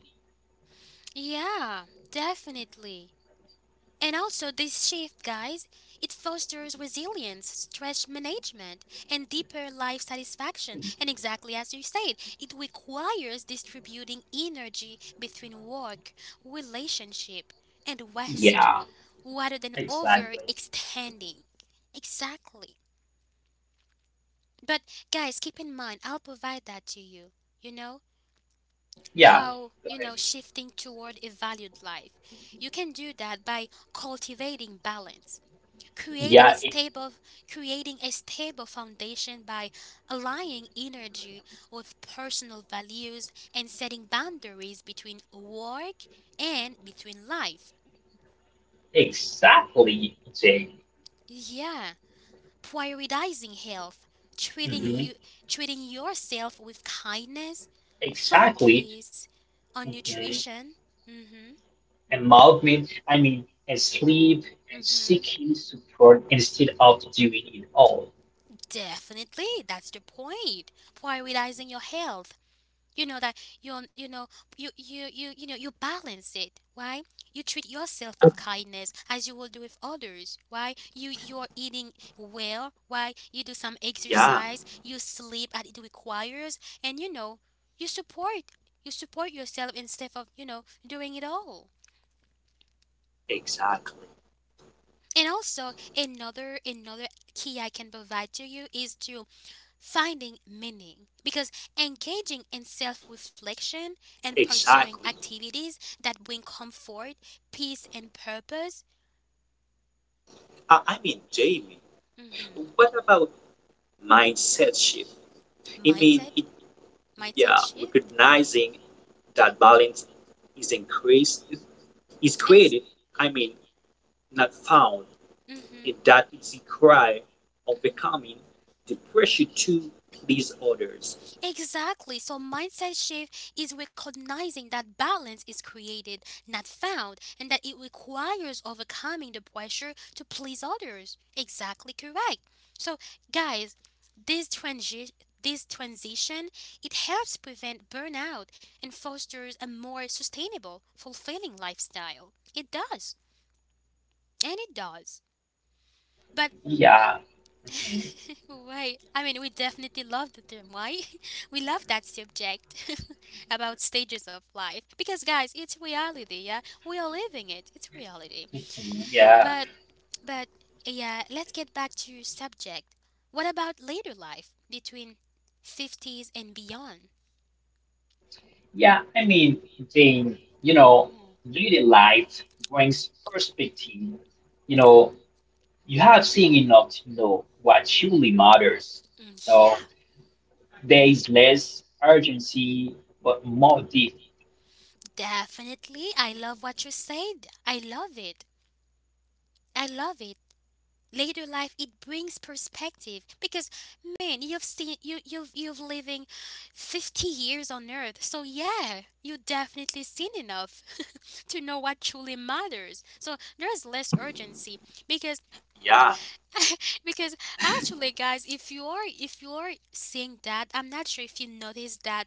Speaker 1: Yeah, definitely. And also, this shift, guys, it fosters resilience, stress management, and deeper life satisfaction. And exactly as you said, it requires distributing energy between work, relationship, and rest
Speaker 2: Yeah,
Speaker 1: rather than
Speaker 2: exactly.
Speaker 1: overextending. Exactly. But guys, keep in mind, I'll provide that to you. You know
Speaker 2: Yeah,
Speaker 1: how,
Speaker 2: go ahead.
Speaker 1: shifting toward a valued life. You can do that by cultivating balance, creating a
Speaker 2: Yeah,
Speaker 1: stable creating a stable foundation by aligning energy with personal values and setting boundaries between work and between life.
Speaker 2: exactly, Jay.
Speaker 1: Yeah. Prioritizing health, treating
Speaker 2: Mhm,
Speaker 1: you treating yourself with kindness,
Speaker 2: exactly.
Speaker 1: focus on
Speaker 2: Mm-hmm.
Speaker 1: nutrition. Mhm.
Speaker 2: And movement, and sleep and
Speaker 1: Mhm.
Speaker 2: seeking support instead of doing it all.
Speaker 1: Definitely, that's the point. Prioritizing your health, you know that you you know you know you balance it. Why? You treat yourself with kindness as you will do with others. Why? You are eating well. Why? You do some
Speaker 3: Yeah,
Speaker 1: exercise. You sleep as it requires, and you support you support yourself instead of doing it all.
Speaker 3: exactly.
Speaker 1: And also another key I can provide to you is to finding meaning, because engaging in self reflection and pursuing
Speaker 3: Exactly.
Speaker 1: activities that bring comfort, peace, and purpose.
Speaker 3: I mean, Jamie,
Speaker 1: Hmm.
Speaker 3: what about mindset shift? I mean,
Speaker 1: Mindset, mindset
Speaker 3: yeah,
Speaker 1: shift
Speaker 3: recognizing that balance is increased, is
Speaker 1: is.
Speaker 3: created, I mean, not found, and
Speaker 1: Hmm.
Speaker 3: that is the cry of becoming the pressure to please others.
Speaker 1: Exactly. So mindset shift is recognizing that balance is created, not found, and that it requires overcoming the pressure to please others. Exactly correct. So guys, this transi- this transition, it helps prevent burnout and fosters a more sustainable, fulfilling lifestyle. It does. And it does. But
Speaker 2: Yeah. Mhm,
Speaker 1: why? I mean, we definitely love the term. Why? We love that subject about stages of life because, guys, it's reality. Yeah, we are living it. It's reality.
Speaker 2: mhm, yeah.
Speaker 1: But, but yeah, let's get back to subject. What about later life between fifties and beyond?
Speaker 2: Yeah. They, you know, daily life brings perspective. You know,
Speaker 1: Hmm.
Speaker 2: you have seen enough to know what truly matters.
Speaker 1: Mm,
Speaker 2: So
Speaker 1: yeah,
Speaker 2: there is less urgency, but more depth.
Speaker 1: definitely. I love what you said. I love it. Later life, it brings perspective because man, you've you've living 50 years on earth, so yeah, you definitely seen enough to know what truly matters. So there's less urgency because
Speaker 3: Yeah,
Speaker 1: because actually guys, if you are seeing that, I'm not sure if you notice that,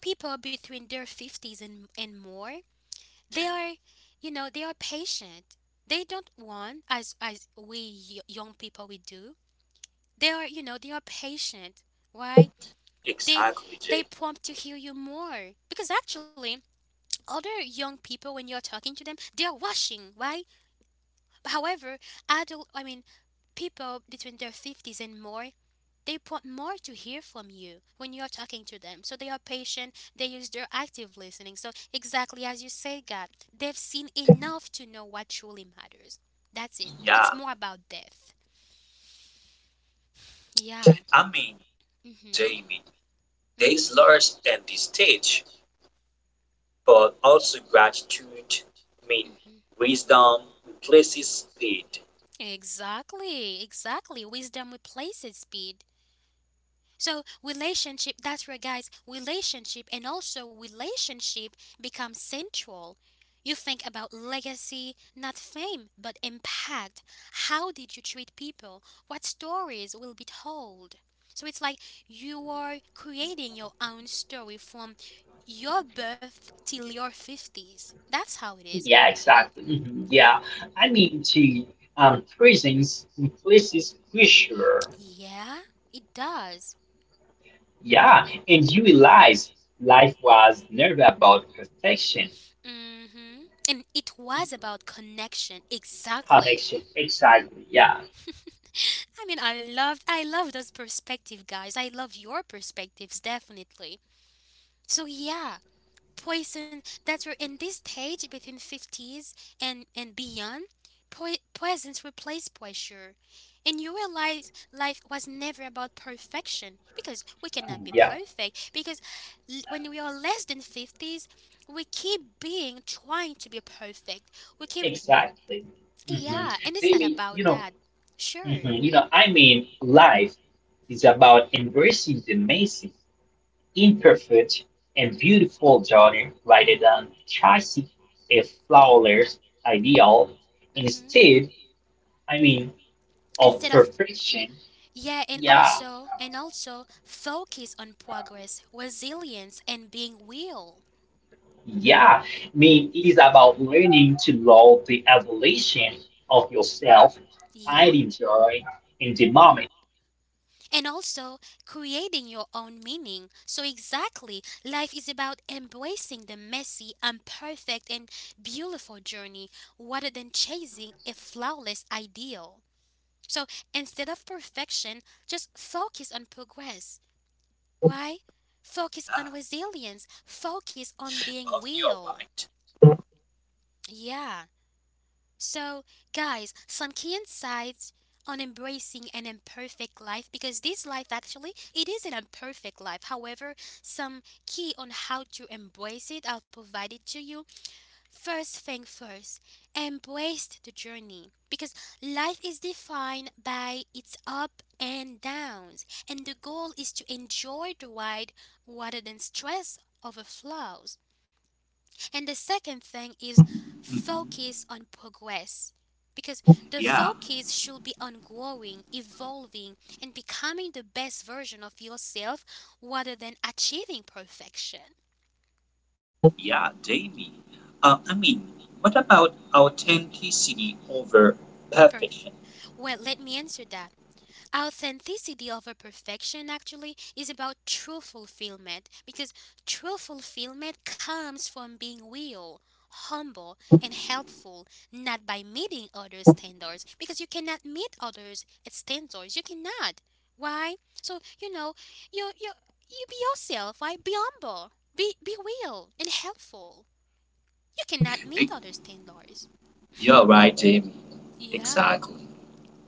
Speaker 1: people between their 50s and more, they are, they are patient. They don't want as we young people we do. They are, they are patient, right? They
Speaker 3: exactly,
Speaker 1: they
Speaker 3: Jay.
Speaker 1: prompt to hear you more because actually other young people, when you're talking to them, they are rushing, right? However, adult I mean people between their 50s and more, they want more to hear from you when you're talking to them. So they are patient, they use their active listening. So exactly as you say, God, they've seen enough to know what truly matters. That's it.
Speaker 3: Yeah,
Speaker 1: It's more about death. Yeah.
Speaker 3: I mean,
Speaker 1: Mm-hmm.
Speaker 3: Jamie, there's
Speaker 1: Mm-hmm.
Speaker 3: large and this stage. But also gratitude, I mean, wisdom replaces speed.
Speaker 1: Exactly, exactly. Wisdom replaces speed. So, relationship, that's right, guys, relationship and also relationship becomes central. You think about legacy, not fame, but impact. How did you treat people? What stories will be told? So, it's like you are creating your own story from your birth till your 50s. That's how it is.
Speaker 2: Yeah, exactly. Mhm, yeah. To prisons places pressure.
Speaker 1: Yeah, it does.
Speaker 2: Yeah, and you realize life was never about perfection,
Speaker 1: Hmm. And it was about connection, exactly.
Speaker 2: connection. Exactly. Yeah.
Speaker 1: I mean, I love those perspective, guys. I love your perspectives, definitely. So yeah, poison. That's where in this stage between fifties and beyond, presence replaced pressure, and you realize life was never about perfection because we cannot be
Speaker 2: Yeah.
Speaker 1: perfect. Because when we are less than fifties, we keep being trying to be perfect. We keep.
Speaker 2: Exactly. hmm
Speaker 1: Yeah, and it's not
Speaker 2: Jamie, you
Speaker 1: about
Speaker 2: know,
Speaker 1: that. Sure.
Speaker 2: mhm, you know, life is about embracing the messy, imperfect, and beautiful journey rather than chasing a flawless ideal.
Speaker 1: Hmm.
Speaker 2: Instead, I mean, of
Speaker 1: Instead of,
Speaker 2: perfection.
Speaker 1: yeah, and
Speaker 2: Yeah.
Speaker 1: also focus on progress, resilience, and being real.
Speaker 2: Yeah, it is about learning to love the evolution of yourself,
Speaker 1: Yeah,
Speaker 2: finding joy in the moment.
Speaker 1: and also creating your own meaning. So exactly, life is about embracing the messy, imperfect, and beautiful journey rather than chasing a flawless ideal. So instead of perfection, just focus on progress. Why? Focus
Speaker 3: Yeah,
Speaker 1: on resilience, focus on being
Speaker 3: above your
Speaker 1: real.
Speaker 3: right.
Speaker 1: Yeah. So, guys, some key insights on embracing an imperfect life because this life actually it is an imperfect life. However, some key on how to embrace it, I'll provide it to you. First thing first, embrace the journey because life is defined by its up and downs, and the goal is to enjoy the ride rather than stress over flaws. And the second thing is focus
Speaker 3: Mm-hmm.
Speaker 1: on progress because the
Speaker 3: Yeah,
Speaker 1: focus should be on growing, evolving, and becoming the best version of yourself rather than achieving perfection.
Speaker 3: yeah, Jamie. I mean, what about authenticity over
Speaker 1: Perf-
Speaker 3: perfection?
Speaker 1: well, let me answer that. Authenticity over perfection actually is about true fulfillment because true fulfillment comes from being real, humble, and helpful, not by meeting others' standards because you cannot meet others' standards. You cannot. Why? So you you you be yourself. Why? Be humble. Be real and helpful. You cannot meet others' standards.
Speaker 3: You're right, Jamie.
Speaker 1: Yeah.
Speaker 3: Exactly.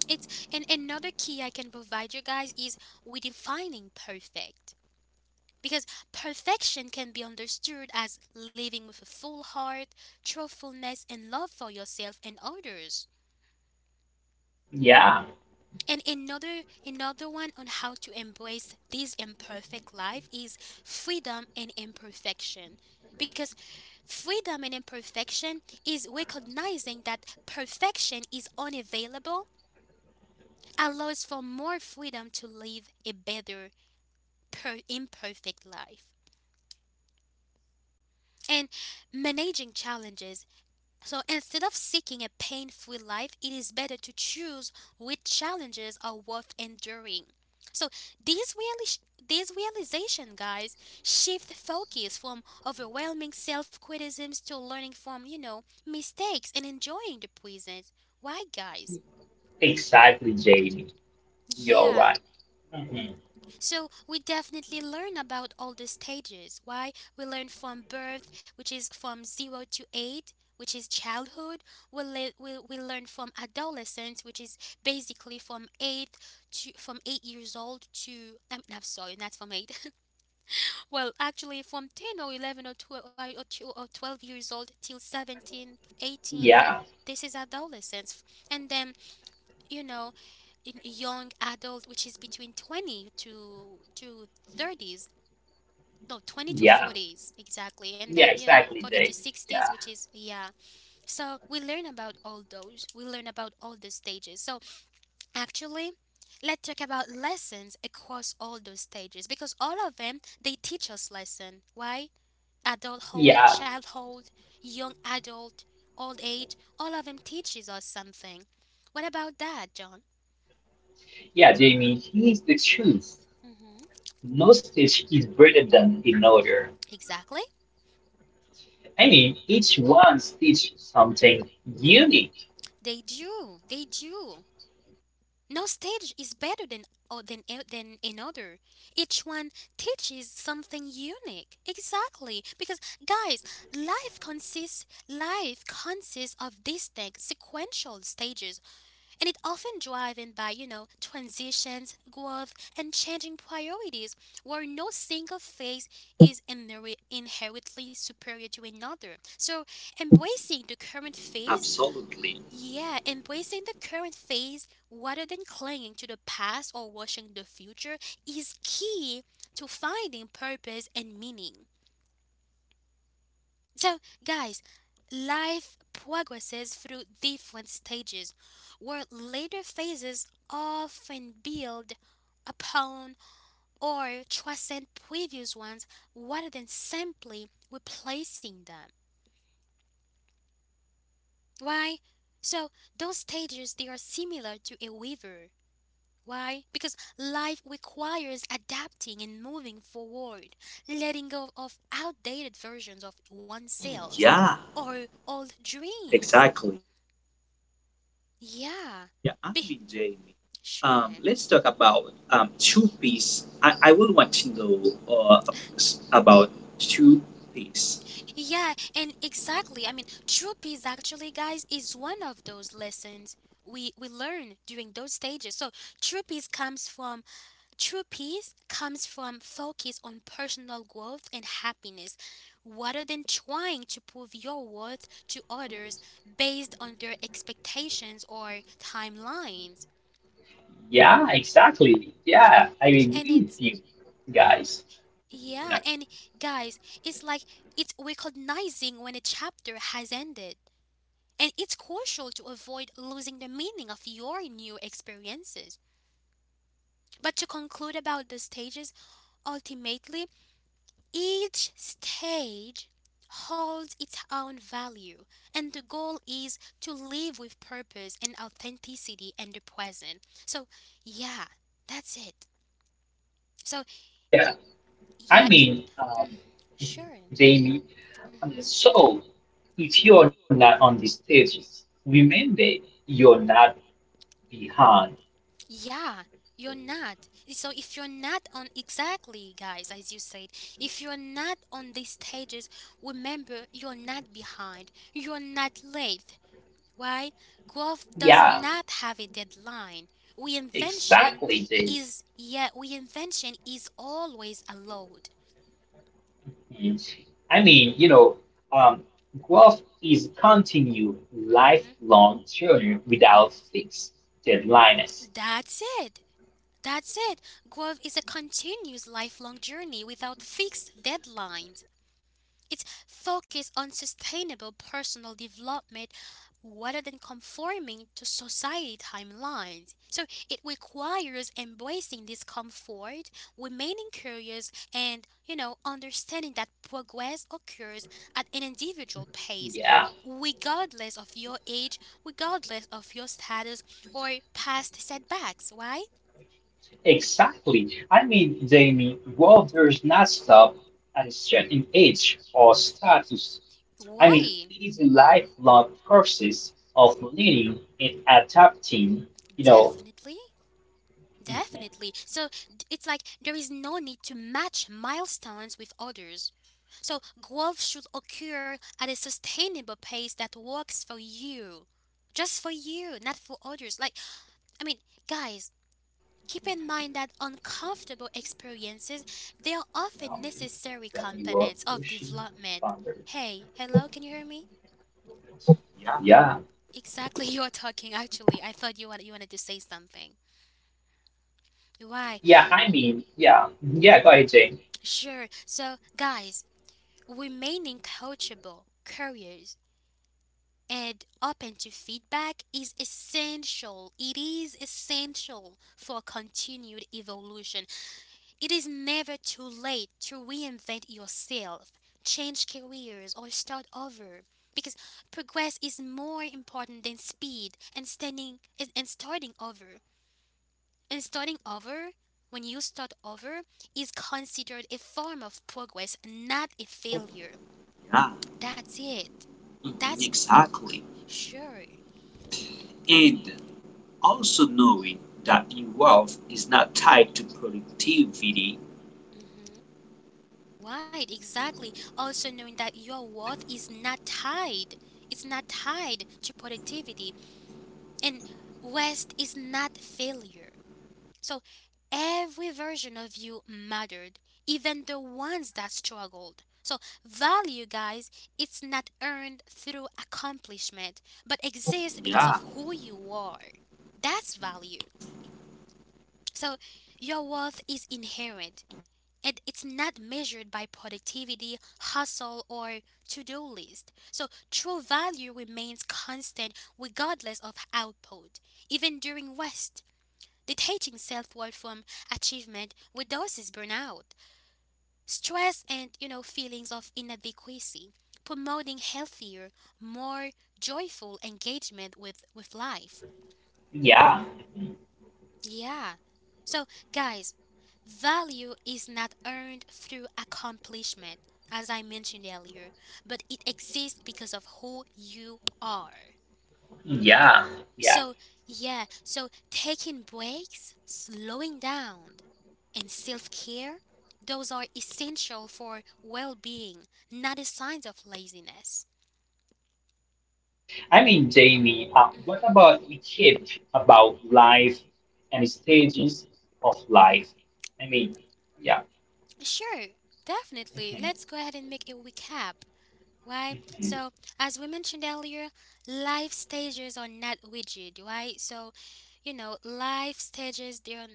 Speaker 1: It's and another key I can provide you guys is redefining perfect. Because perfection can be understood as living with a full heart, truthfulness and love for yourself and others.
Speaker 2: Yeah,
Speaker 1: And another one on how to embrace this imperfect life is freedom and imperfection. Because freedom and imperfection is recognizing that perfection is unavailable allows for more freedom to live a better per imperfect life. And managing challenges. So instead of seeking a pain free life, it is better to choose which challenges are worth enduring. So these, reali- these realization, guys, shift focus from overwhelming self criticisms to learning from, mistakes and enjoying the present. Why, guys?
Speaker 2: exactly, Jamie. You're
Speaker 1: Yeah.
Speaker 2: right. Mhm.
Speaker 1: So we definitely learn about all the stages. Why? We learn from birth, which is from 0 to 8, which is childhood. We learn from adolescence, which is basically from 8 to from 8 years old to I'm sorry, not from 8. Well, actually from 10 or 11 or 12 or 12 years old till 17th, 18th.
Speaker 2: Yeah,
Speaker 1: This is adolescence. And then, you know, in young adult, which is between 20 to 30s, no, 20 to
Speaker 2: yeah,
Speaker 1: 40s exactly, and
Speaker 2: yeah,
Speaker 1: then, you know,
Speaker 2: exactly,
Speaker 1: 40 to
Speaker 2: Jamie.
Speaker 1: 60s,
Speaker 2: Yeah,
Speaker 1: which is, yeah, so we learn about all those, we learn about all the stages. So actually let's talk about lessons across all those stages, because all of them, they teach us lesson. Why? Adulthood,
Speaker 2: yeah,
Speaker 1: childhood, young adult, old age, all of them teaches us something. What about that, John?
Speaker 2: yeah, Jamie. Here's the truth.
Speaker 1: Mm-hmm.
Speaker 2: No stitch is better than another.
Speaker 1: Exactly.
Speaker 2: Each one stitch something unique.
Speaker 1: They do, they do. No stage is better than, or than than another. Each one teaches something unique. Exactly, because guys, life consists of distinct sequential stages, and it often driven by, you know, transitions, growth, and changing priorities, where no single phase is inherently superior to another. So, embracing the current phase,
Speaker 3: Absolutely.
Speaker 1: yeah, embracing the current phase rather than clinging to the past or washing the future is key to finding purpose and meaning. So, guys, life progresses through different stages where later phases often build upon or transcend previous ones rather than simply replacing them. Why? So, those stages, they are similar to a river. Why? Because life requires adapting and moving forward, letting go of outdated versions of oneself
Speaker 3: Yeah,
Speaker 1: or old dreams.
Speaker 3: exactly.
Speaker 1: Yeah.
Speaker 3: Yeah, I
Speaker 1: Be-
Speaker 3: mean, Jamie.
Speaker 1: sure.
Speaker 3: Let's talk about two piece. I would want to know uh, about two piece.
Speaker 1: Yeah, and exactly. I mean, true peace actually, guys, is one of those lessons we learn during those stages. So, true peace comes from focus on personal growth and happiness rather than trying to prove your worth to others based on their expectations or timelines.
Speaker 2: Yeah, exactly. Yeah, I
Speaker 1: And
Speaker 2: agree with
Speaker 1: it's,
Speaker 2: you guys.
Speaker 1: yeah, and guys, it's like, it's recognizing when a chapter has ended. And it's crucial to avoid losing the meaning of your new experiences. But to conclude about the stages, ultimately, each stage holds its own value, and the goal is to live with purpose and authenticity and the present. So, yeah, that's it. So,
Speaker 2: Yeah, I
Speaker 1: yeah, it,
Speaker 2: mean, um,
Speaker 1: sure.
Speaker 2: Jamie,
Speaker 1: Hmm.
Speaker 2: so if you're not on the stages, remember you're not behind.
Speaker 1: Yeah, you're not. So, if you're not on exactly, guys, as you said, if you're not on these stages, remember you're not behind, you're not late. Why? Growth does
Speaker 2: Yeah,
Speaker 1: not have a deadline. We invention
Speaker 2: exactly, Jamie.
Speaker 1: is, yeah, we invention is always allowed.
Speaker 2: Mm. You know, um, growth is continue lifelong journey without fixed deadlines.
Speaker 1: That's it. That's it. Growth is a continuous lifelong journey without fixed deadlines. It's focused on sustainable personal development rather than conforming to society timelines. So it requires embracing discomfort, remaining curious, and, you know, understanding that progress occurs at an individual pace,
Speaker 2: Yeah,
Speaker 1: regardless of your age, regardless of your status or past setbacks, right?
Speaker 2: exactly. Jamie, growth does not stop at a certain age or status.
Speaker 1: Why?
Speaker 2: These lifelong process of learning and adapting, you know,
Speaker 1: Definitely. Definitely. So it's like there is no need to match milestones with others. So growth should occur at a sustainable pace that works for you. Just for you, not for others. Like, I mean, guys, keep in mind that uncomfortable experiences, they are often necessary
Speaker 2: W.
Speaker 1: components of
Speaker 2: Yoshi
Speaker 1: development.
Speaker 2: founders.
Speaker 1: Hey, hello, can you hear me?
Speaker 3: Yeah,
Speaker 2: Yeah,
Speaker 1: Exactly, you are talking actually. I thought you wanted to say something. Why?
Speaker 2: yeah. Yeah, yeah. Go ahead, Jane.
Speaker 1: Sure. So, guys, remaining coachable, curious, and open to feedback is essential. It is essential for continued evolution. It is never too late to reinvent yourself, change careers, or start over. Because progress is more important than speed and standing and starting over. And starting over, when you start over, is considered a form of progress, not a failure.
Speaker 3: yeah,
Speaker 1: That's it.
Speaker 3: mhm,
Speaker 1: That's the
Speaker 3: exactly.
Speaker 1: Sure.
Speaker 3: And also knowing that new wealth is not tied to productivity.
Speaker 1: Hmm. Right, exactly. Also knowing that your worth is not tied. It's not tied to productivity, and rest is not failure. So every version of you mattered, even the ones that struggled. So value, guys, it's not earned through accomplishment, but exists because
Speaker 3: Yeah.
Speaker 1: of who you are. That's value. So your worth is inherent, and it's not measured by productivity, hustle, or to do list. So, true value remains constant regardless of output. Even during rest, detaching self worth from achievement reduces burnout, stress, and, you know, feelings of inadequacy, promoting healthier, more joyful engagement with life.
Speaker 2: Yeah,
Speaker 1: Yeah. So, guys, value is not earned through accomplishment, as I mentioned earlier, but it exists because of who you are.
Speaker 2: yeah, yeah.
Speaker 1: So, yeah, so taking breaks, slowing down, and self care, those are essential for well being, not a sign of laziness.
Speaker 2: Jamie, what
Speaker 1: Hmm.
Speaker 2: about we keep about life and stages of life? I mean, yeah.
Speaker 1: Sure, definitely. Let's go ahead and make a recap. Why?
Speaker 2: Mhm.
Speaker 1: So, as we mentioned earlier, life stages are not rigid, right? So, you know, life stages, they're,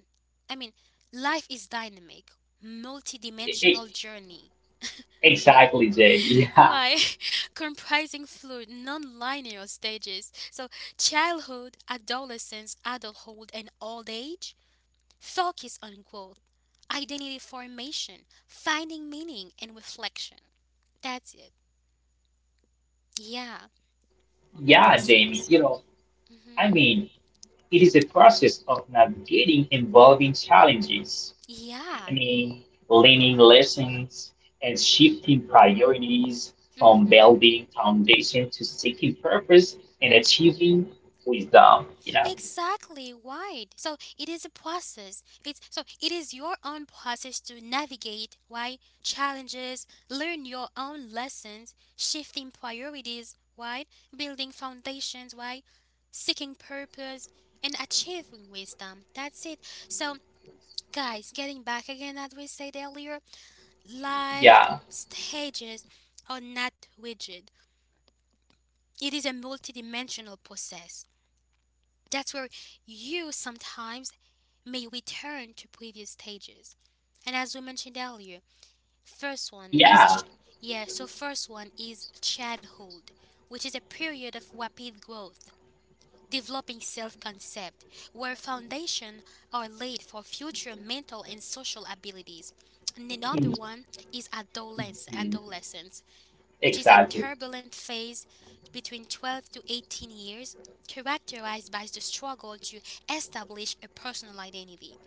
Speaker 1: I mean, life is dynamic,
Speaker 2: E- e-
Speaker 1: multidimensional journey.
Speaker 2: Exactly, Jamie. Yeah.
Speaker 1: Why? Comprising fluid, non linear stages. So, childhood, adolescence, adulthood, and old age focus on growth, identity formation, finding meaning, and reflection. That's it. Yeah.
Speaker 2: Yeah, Jamie. You
Speaker 1: Mm-hmm.
Speaker 2: know, I mean, it is a process of navigating involving challenges. I
Speaker 1: Yeah.
Speaker 2: mean, Learning lessons and shifting priorities from
Speaker 1: Mm-hmm.
Speaker 2: building foundation to seeking purpose and achieving wisdom. You know,
Speaker 1: Exactly right. So it is a process. It's, so it is your own process to navigate. Why? Challenges, learn your own lessons, shifting priorities, right? Building foundations, right? Seeking purpose and achieving wisdom. That's it. So guys, getting back again, as we said earlier, life
Speaker 2: yeah,
Speaker 1: stages are not rigid. It is a multidimensional process. That's where you sometimes may return to previous stages. And as we mentioned earlier, first one is
Speaker 2: yeah.
Speaker 1: yeah, so first one is childhood, which is a period of rapid growth, developing self-concept, where foundation are laid for future mental and social abilities. And another
Speaker 2: Mhm.
Speaker 1: one is
Speaker 2: Mhm.
Speaker 1: adolescence, which is a
Speaker 2: Exactly.
Speaker 1: turbulent phase between 12 to 18 years characterized by the struggle to establish a personal identity.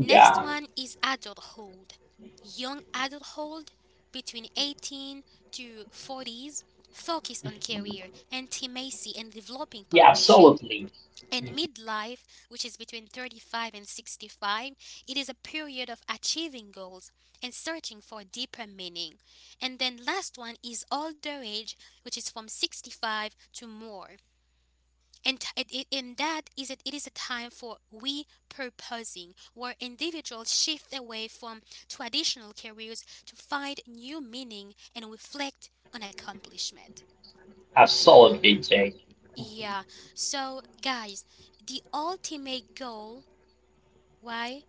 Speaker 1: Next
Speaker 2: Yeah,
Speaker 1: one is adulthood. Young adulthood between 18 to 40s, focus on career, intimacy and developing
Speaker 2: yeah,
Speaker 1: partnership.
Speaker 2: absolutely.
Speaker 1: And
Speaker 2: Mhm.
Speaker 1: midlife, which is between 35 and 65, it is a period of achieving goals and searching for deeper meaning. And then last one is older age, which is from 65 to more. And, and that is it, it is a time for repurposing, where individuals shift away from traditional careers to find new meaning and reflect on accomplishment.
Speaker 2: Absolutely, Jay. Mhm.
Speaker 1: Yeah, so guys, the ultimate goal, why?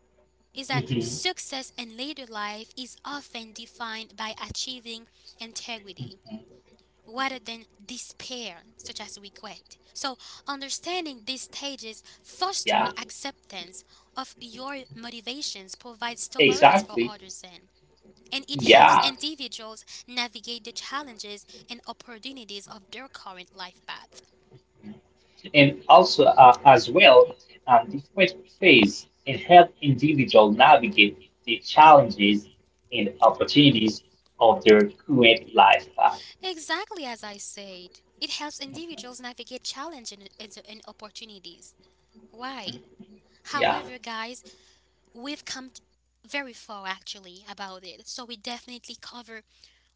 Speaker 1: Is that
Speaker 2: Mhm.
Speaker 1: success in later life is often defined by achieving
Speaker 2: Mhm.
Speaker 1: integrity rather than despair, such as regret. So, understanding these stages
Speaker 2: Yeah,
Speaker 1: fosters acceptance of your motivations, provides tolerance for
Speaker 2: exactly.
Speaker 1: others, and, it helps
Speaker 2: Yeah.
Speaker 1: individuals navigate the challenges and opportunities of their current life path.
Speaker 2: And also as well, um, different phase and help individuals navigate the challenges and opportunities of their current life path.
Speaker 1: Exactly as I said, it helps individuals navigate challenges and opportunities. Why?
Speaker 2: Yeah.
Speaker 1: However, guys, we've come t- very far actually about it. So we definitely cover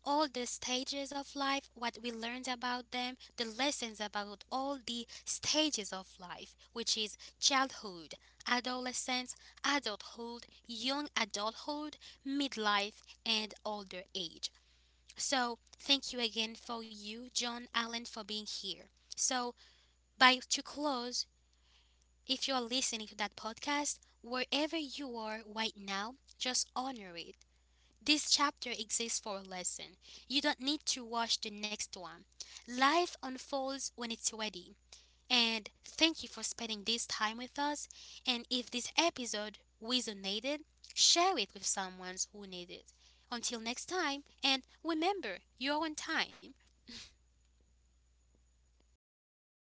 Speaker 1: all the stages of life, what we learned about them, the lessons about all the stages of life, which is childhood, adolescence, adulthood, young adulthood, midlife, and older age. So thank you again for you, John Allen, for being here. So by to close, if you are listening to that podcast, wherever you are right now, just honor it. This chapter exists for a lesson. You don't need to watch the next one. Life unfolds when it's ready. And thank you for spending this time with us. And if this episode resonated, share it with someone who needs it. Until next time, and remember, you're on time.